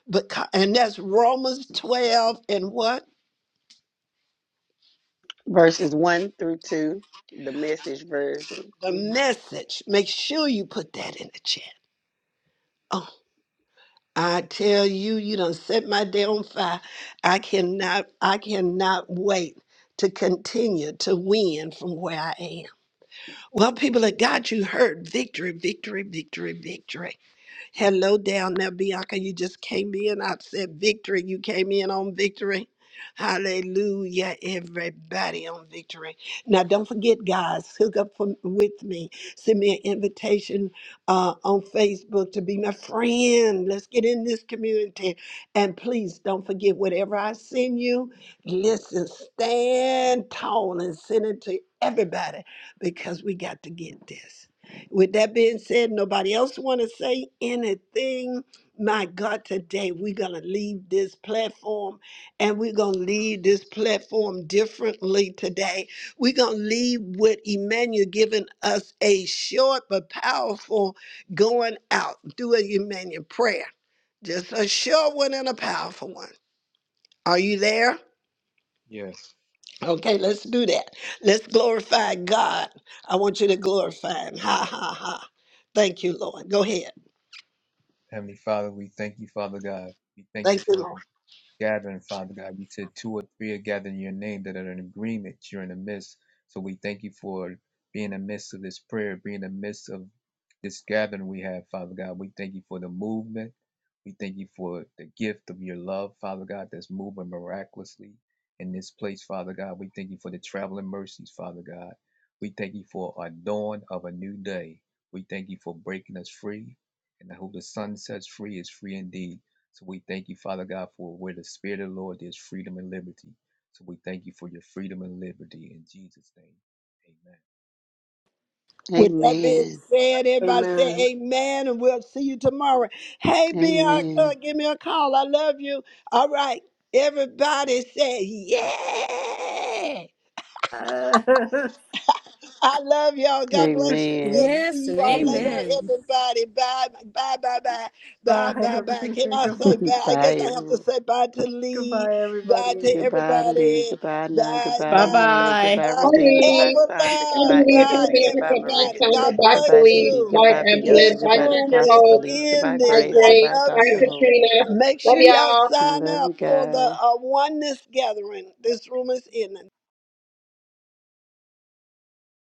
A: But, co- and that's Romans 12 and what?
D: verses 1 through 2, the message version.
A: The
D: Mhm.
A: message. Make sure you put that in the chat. Oh, I tell you, you done set my day on fire. I cannot, I cannot wait to continue to win from where I am. Well, people of God, you heard victory, victory, victory, victory. Hello down there, Bianca. You just came in. I said victory. You came in on victory. Hallelujah, everybody on victory. Now, don't forget, guys, hook up for, with me. Send me an invitation uh, on Facebook to be my friend. Let's get in this community. And please don't forget, whatever I send you, listen, stand tall and send it to everybody because we got to get this. With that being said, nobody else want to say anything. My God, today we're going to leave this platform and we're going to leave this platform differently today. We're going to leave with Emmanuel giving us a short but powerful going out. Do a Emmanuel prayer. Just a short one and a powerful one. Are you there?
F: Yes.
A: Okay, let's do that. Let's glorify God. I want you to glorify Him. Ha ha ha. Thank you, Lord. Go ahead.
F: Heavenly Father, we thank you, Father God. We thank you
A: Thank you,
F: for the
A: Lord.
F: gathering, Father God. You said two or three are gathered in your name that are in agreement. You're in the midst. So we thank you for being in the midst of this prayer, being in the midst of this gathering we have, Father God. We thank you for the movement. We thank you for the gift of your love, Father God, that's moving miraculously in this place, Father God. We thank you for the traveling mercies, Father God. We thank you for a dawn of a new day. We thank you for breaking us free. And who the sun sets free is free indeed. So we thank you, Father God, for where the Spirit of the Lord there's freedom and liberty. So we thank you for your freedom and liberty in Jesus' name. Amen.
A: With that being
D: Amen.
A: said, everybody say amen, and we'll see you tomorrow. Hey, Bianca,
D: Amen.
A: give me a call. I love you. All right. Everybody say, yeah.
C: Amen.
A: I love y'all. God bless you. We'll
D: Amen.
A: see
E: Yes,
A: you
E: and
A: all
D: Amen.
A: later,
E: amen.
A: everybody. Bye, bye, bye, bye, bye,
C: Bye,
A: bye, bye. Can I say
C: everyone.
A: bye? I
D: Bye,
A: guess I have to
D: everyone.
A: say bye to Lee,
C: Goodbye,
A: bye to
C: everybody.
D: Goodbye, Lee.
A: everybody,
D: Goodbye, Nun.
A: bye,
D: Goodbye,
B: Bye
A: bye,
D: Emmanuel.
B: bye.
A: bye,
D: Goodbye, Redeem. Goodbye,
G: Sorry.
A: bye,
D: Sandra.
G: I
A: Evelyn,
D: Goodbye,
G: believe
A: bye,
G: I'll
D: Evelyn.
G: be able
D: Goodbye,
G: to
D: Maria.
A: everybody. God
G: find By back By
D: Goodbye,
A: bless
D: Dee
G: week.
D: Dee.
A: you.
G: Bye,
D: Goodbye, Bianca.
A: This
D: Goodbye,
A: room
G: Dr.
D: Apostle
A: is
G: Hope.
D: Felice. Goodbye,
G: By
A: ending.
D: Grace.
A: I
G: Grace.
D: Goodbye,
A: love
G: By
D: Dr.
A: you.
D: Hope.
G: Katrina.
A: Make
G: Love
A: sure y'all
G: y'all.
D: I
A: sign
D: love you
A: up for the
D: guys.
A: uh, oneness gathering. This room is ending.